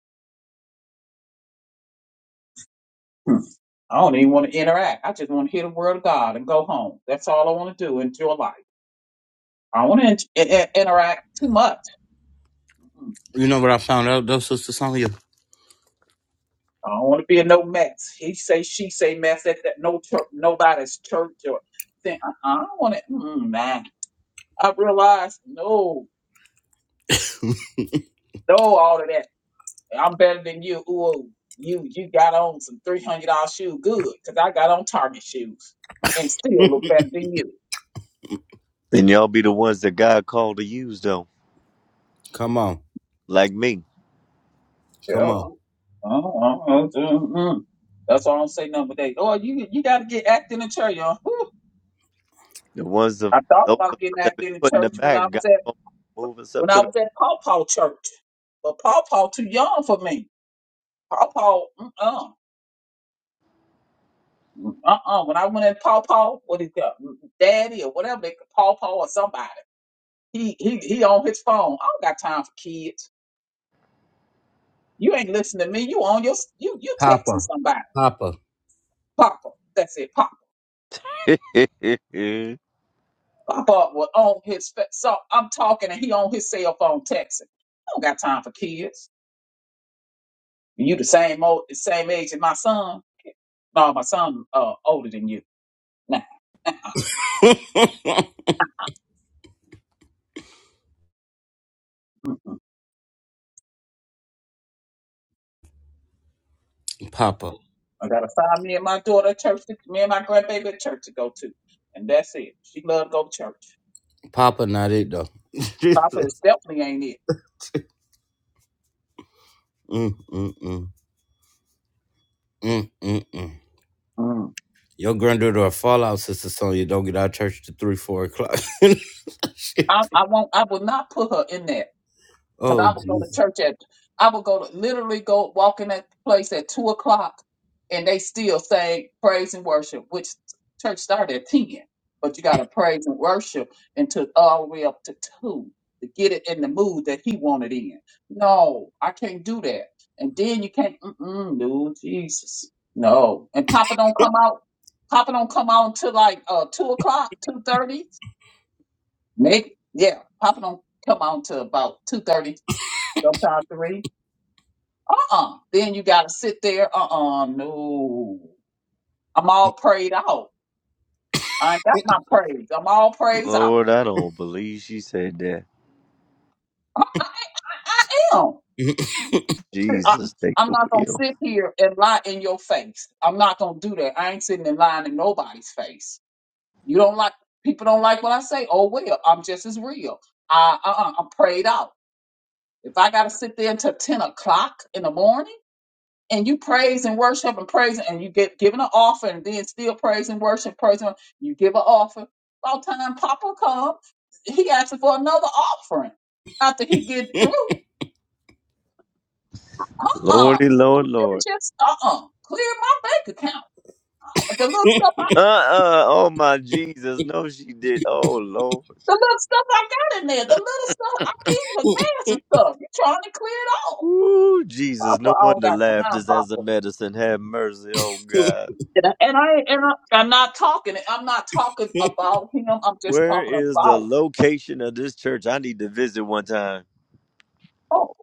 Hmm. I don't even want to interact. I just want to hear the word of God and go home. That's all I want to do. Enjoy life. I don't want to in- in- interact too much. You know what I found out though, Sister Sonya? I don't want to be in no mess. He say, she say, mess at that no church, nobody's church or thing. I, I don't want to. Mm, nah. I realized, no, no, all of that. I'm better than you. Ooh, you you got on some three hundred dollar shoe, good, because I got on Target shoes and still look better than you. And y'all be the ones that God called to use, though, Come on. like me. Come Yeah. on. Uh, uh, uh, mm. That's all I'm saying. Number eight. Oh, you you got to get acting in church, y'all. The ones of I thought those of us about getting that been acting in put in the church when back, I God was at gonna move us up when I to was at Paw Paw Church. But Paw Paw too young for me. Paw Paw, uh uh, uh. When I went at Paw Paw, what he got, Daddy or whatever they Paw Paw or somebody. He he he on his phone. I don't got time for kids. You ain't listening to me. You on your you you texting Papa. somebody. Papa. Papa, that's it. Papa, the. Papa was on his fa- so I'm talking and he on his cell phone texting. I don't got time for kids. You the same old, the same age as my son. No, my son uh older than you. Nah. Mm-mm. Papa. I gotta find me and my daughter a church, to, me and my grandbaby a church to go to, and that's it. She love to go to church. Papa not it though. mm, Papa is definitely ain't it. mm, mm. Mm, mm, mm. Mm. Your granddaughter a fallout, Sister Sonya. Don't get out of church to three, four o'clock. I, Shit. I won't. I will not put her in there. Cause Oh I would go to Jesus. church at, I would go to literally go walk in that place at two o'clock, and they still say praise and worship, which church started at ten, but you got to praise and worship until all the way up to two to get it in the mood that he wanted in. No, I can't do that. And then you can't, mm-mm, no, Jesus, no. And Papa don't come out. Papa don't come out till like uh two o'clock, two thirty. Make yeah, Papa don't come out till about two thirty Sometimes three. Uh-uh. Then you gotta sit there. Uh-uh. No. I'm all prayed out. I ain't got my praise. I'm all praise out. Lord, I don't believe she said that. I, I, I am. I, Jesus, take I'm the not gonna wheel. sit here and lie in your face. I'm not gonna do that. I ain't sitting and lying in nobody's face. You don't like people don't like what I say. Oh well, I'm just as real. I uh-uh, I'm prayed out. If I gotta sit there until ten o'clock in the morning. and you praise and worship and praise and you get given an offer and then still praise and worship, praise and you give an offer. About time Papa come, he asking for another offering after he get through. Uh, Lordy, Lord, you Lord. just uh uh clear my bank account. The little stuff, I, Uh uh oh my Jesus, no, she did. Oh Lord, the little stuff I got in there, the little stuff I need for gas and stuff. You trying to clear it all? Ooh, Jesus, Papa, no I don't wonder got laughter time, is as a Papa. medicine. Have mercy, oh God. And I, and I and I, I'm not talking. I'm not talking about him. I'm just Where talking is the about. location of this church? I need to visit one time. Oh,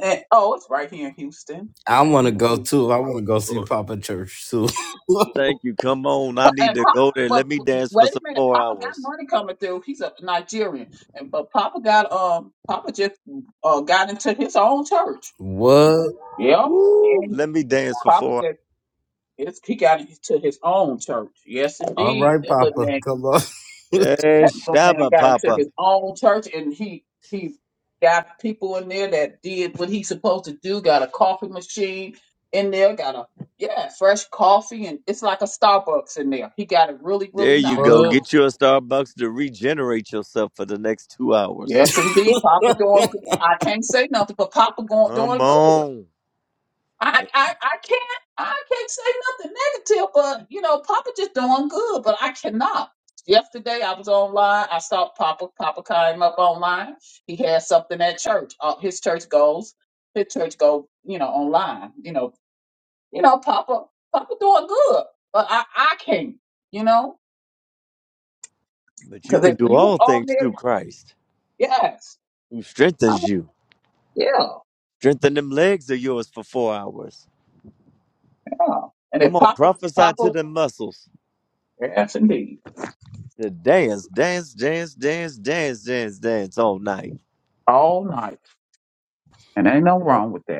And, oh, it's right here in Houston. I Right want to here in go too. Houston. I want Oh to go see Lord. Papa Church too. Thank you. Come on. I Pa- need And to Papa, go there. but Let me w- dance for wait a some minute, four Papa got hours. money coming through. He's a Nigerian, and but Papa got um, Papa just uh got into his own church. what? Yeah, Woo! and Let me dance for Papa four hours. just it's, he got into his own church. Yes, All indeed, right, that little Papa. man Come on. Yeah, That little man Shabba got into Papa. his own church and he he got people in there that did what he's supposed to do, got a coffee machine in there, got a yeah, fresh coffee and it's like a Starbucks in there. He got it really, There really you nice. go. what? Get you a Starbucks to regenerate yourself for the next two hours. Yes indeed, Papa doing I can't say nothing, but Papa going Come doing good. on. I, I I can't I can't say nothing negative, but you know, Papa just doing good, but I cannot. Yesterday I was online. I saw Papa. Papa came up online. He had something at church. Uh, his church goes. His church go. You know, online. You know. You know, Papa. Papa doing good, but I I can't. You know, But you because can if do you all on things through there, Christ yes, who i strengthens you. yeah, Strengthen them legs of yours for four hours. yeah. And Come if on, Papa prophesy to Papa, them muscles. yes indeed, To dance, dance, dance, dance, dance, dance, dance all night. all night, and ain't no wrong with that.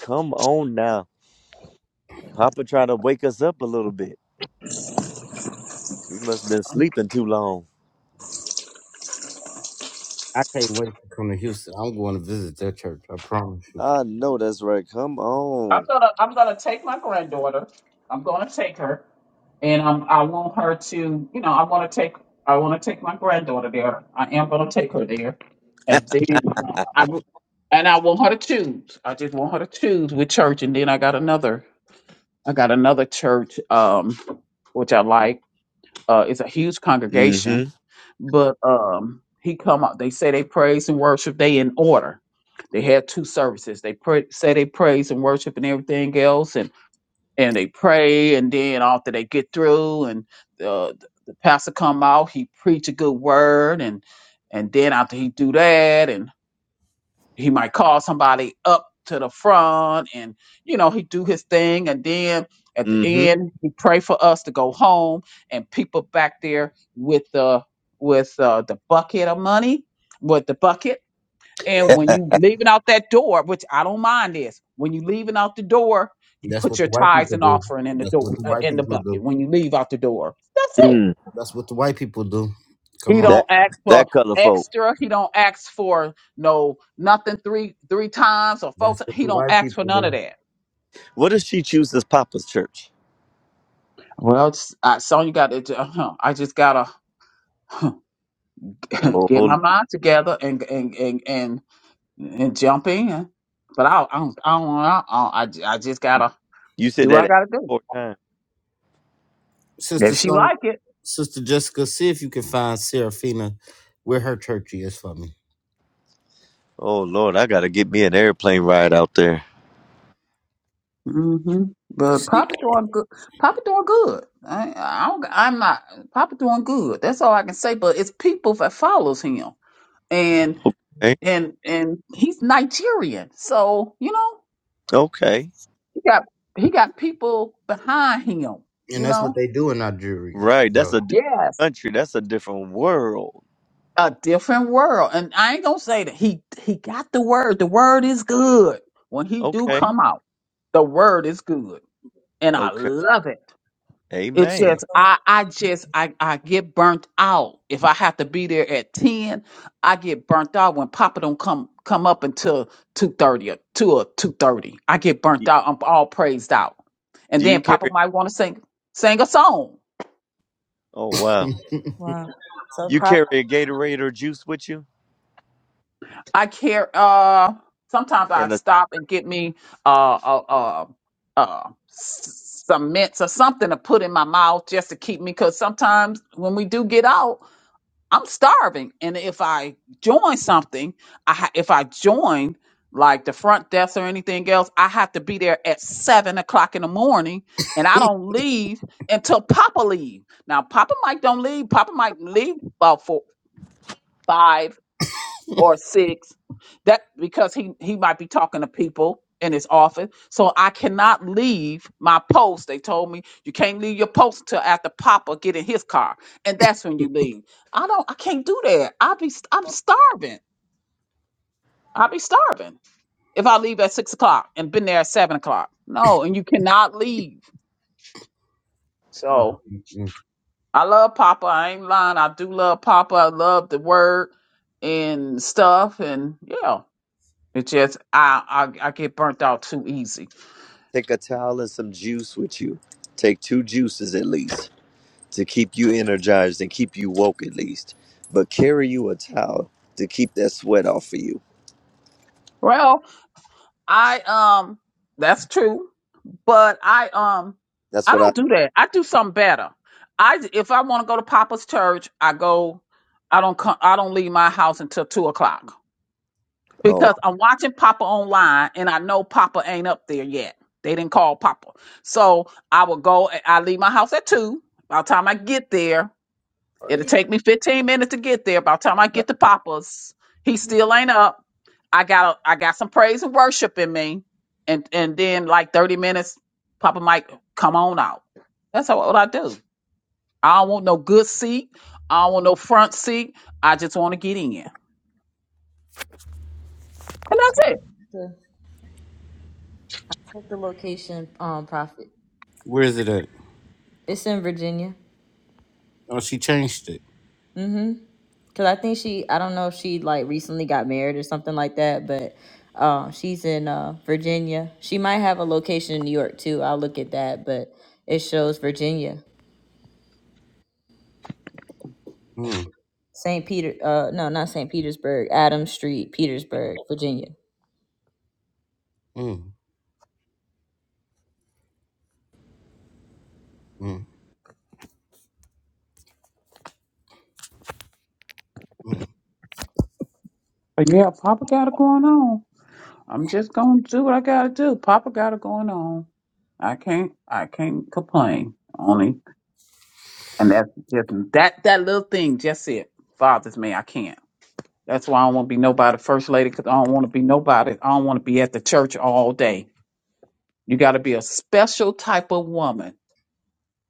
Come on now. Papa tried to wake us up a little bit. We must have been sleeping too long. I can't wait to come to Houston. I'm going to visit their church. I promise you. I know that's right. Come I'm on. gonna I'm gonna take my granddaughter. I'm gonna take her, and i I want her to you know I want to take I want to take my granddaughter there. I am gonna take her there, and then uh, I w- and I want her to choose. I just want her to choose with church, and then I got another I got another church um which I like. Uh, it's a huge congregation, mm-hmm. but um he come up. They say they praise and worship. They in order. They had two services. They pray, say they praise and worship and everything else, and and they pray and then after they get through and the, the pastor come out he preach a good word and and then after he do that and he might call somebody up to the front and you know he do his thing and then at the Mm-hmm. end he pray for us to go home and people back there with the with uh, the bucket of money with the bucket and when you leaving out that door, which I don't mind this, when you leaving out the door, you That's put what the your white tithes people and do. offering in the That's door what the uh, white in the people do. bucket when you leave out the door. That's it. Mm. That's what the white people do. He Come on. That don't ask for that color folk. extra. He don't ask for no nothing three three times or four. That's Times. what He the don't white ask for people none of do. that. What if she chooses Papa's church? Well, s- I, Sonya got it. Uh, huh, I just gotta Oh, oh, get my Lord. mind together and and and and, and jump in. But I I don't I don't, I, don't, I, I just gotta you said do what I that gotta do. four times. Sister If she Sonia, like it. Sister Jessica, see if you can find Serafina where her church is for me. Oh Lord, I gotta get me an airplane ride out there. hmm But See? Papa doing good. Papa doing good. I, I don't, I'm not. Papa doing good. That's all I can say. But it's people that follows him, and Okay. and and he's Nigerian, so you know Okay. he got he got people behind him. And You that's know, what they do in Nigeria, Right. That's though. a different yes, country. That's a different world. a different world. And I ain't gonna say that he he got the word. The word is good when he do Okay. come out. The word is good, and I Okay. love it. It's Amen. just I I just I, I get burnt out. If I have to be there at 10, I get burnt out when Papa don't come come up until 2:30 or 2 or 2:30. I get burnt Y- out. I'm all praised out. And Do you then Papa carry might want to sing sing a song. oh wow. Uh, so, You Prophet, carry a Gatorade or juice with you? I care uh sometimes I and a, stop and get me uh uh uh, uh s- some mints or something to put in my mouth just to keep me cuz sometimes when we do get out I'm starving. And if I join something, I ha- if I join like the front desk or anything else, I have to be there at seven o'clock in the morning, and I don't leave until Papa leave. Now Papa Mike don't leave. Papa Mike leave about four, five or six that because he he might be talking to people in his office so i cannot leave my post they told me you can't leave your post until after papa get in his car and that's when you leave i don't i can't do that i'll be st- i'm starving i'll be starving if i leave at six o'clock and been there at seven o'clock no and you cannot leave Mm, so mm, mm. i love papa i ain't lying i do love papa i love the word and stuff and yeah It just I, I I get burnt out too easy. take a towel and some juice with you. Take two juices at least to keep you energized and keep you woke at least. But carry you a towel to keep that sweat off of you. Well, I um that's true, but I um That's I what I. don't do that. I do something better. I if I want to go to Papa's church, I go. I don't come. I don't leave my house until two o'clock Oh. because I'm watching Papa online, and I know Papa ain't up there yet. They didn't call Papa, so I will go. I leave my house at two. By the time I get there, It'll take me 15 minutes to get there. By the time I get to Papa's, he still ain't up. I got I got some praise and worship in me, and and then like 30 minutes, Papa might come on out. That's how, what I do. I don't want no good seat. I don't want no front seat. I just want to get in, and that's it. check the location, um, Prophet. Where is it at? It's in Virginia. Oh, she changed it. Cause I think she, I don't know if she like recently got married or something like that, but uh, she's in uh, Virginia. She might have a location in you. I'll look at that, but it shows Virginia. Mm, Saint, uh, no, not Saint Petersburg. Adams Street, Petersburg, Virginia. mm, mm, mm. But yeah, Papa got it going on. I'm just gonna do what I gotta do. Papa got it going on. I can't I can't complain. Only And that's just that that little thing just it bothers me. I can't. That's why I don't want to be nobody first lady because I don't want to be nobody. I don't want to be at the church all day. You got to be a special type of woman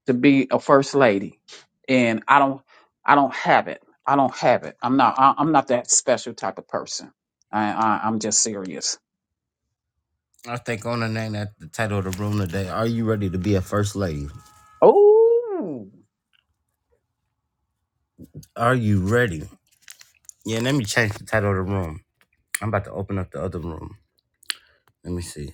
to be a first lady, and I don't. I don't have it. I don't have it. I'm not. I, I'm not that special type of person. I, I I'm just serious. I think on the name that the title of the room today. Are you ready to be a first lady? Oh. Are you ready? Yeah, let me change the title of the room. I'm about to open up the other room. Let me see.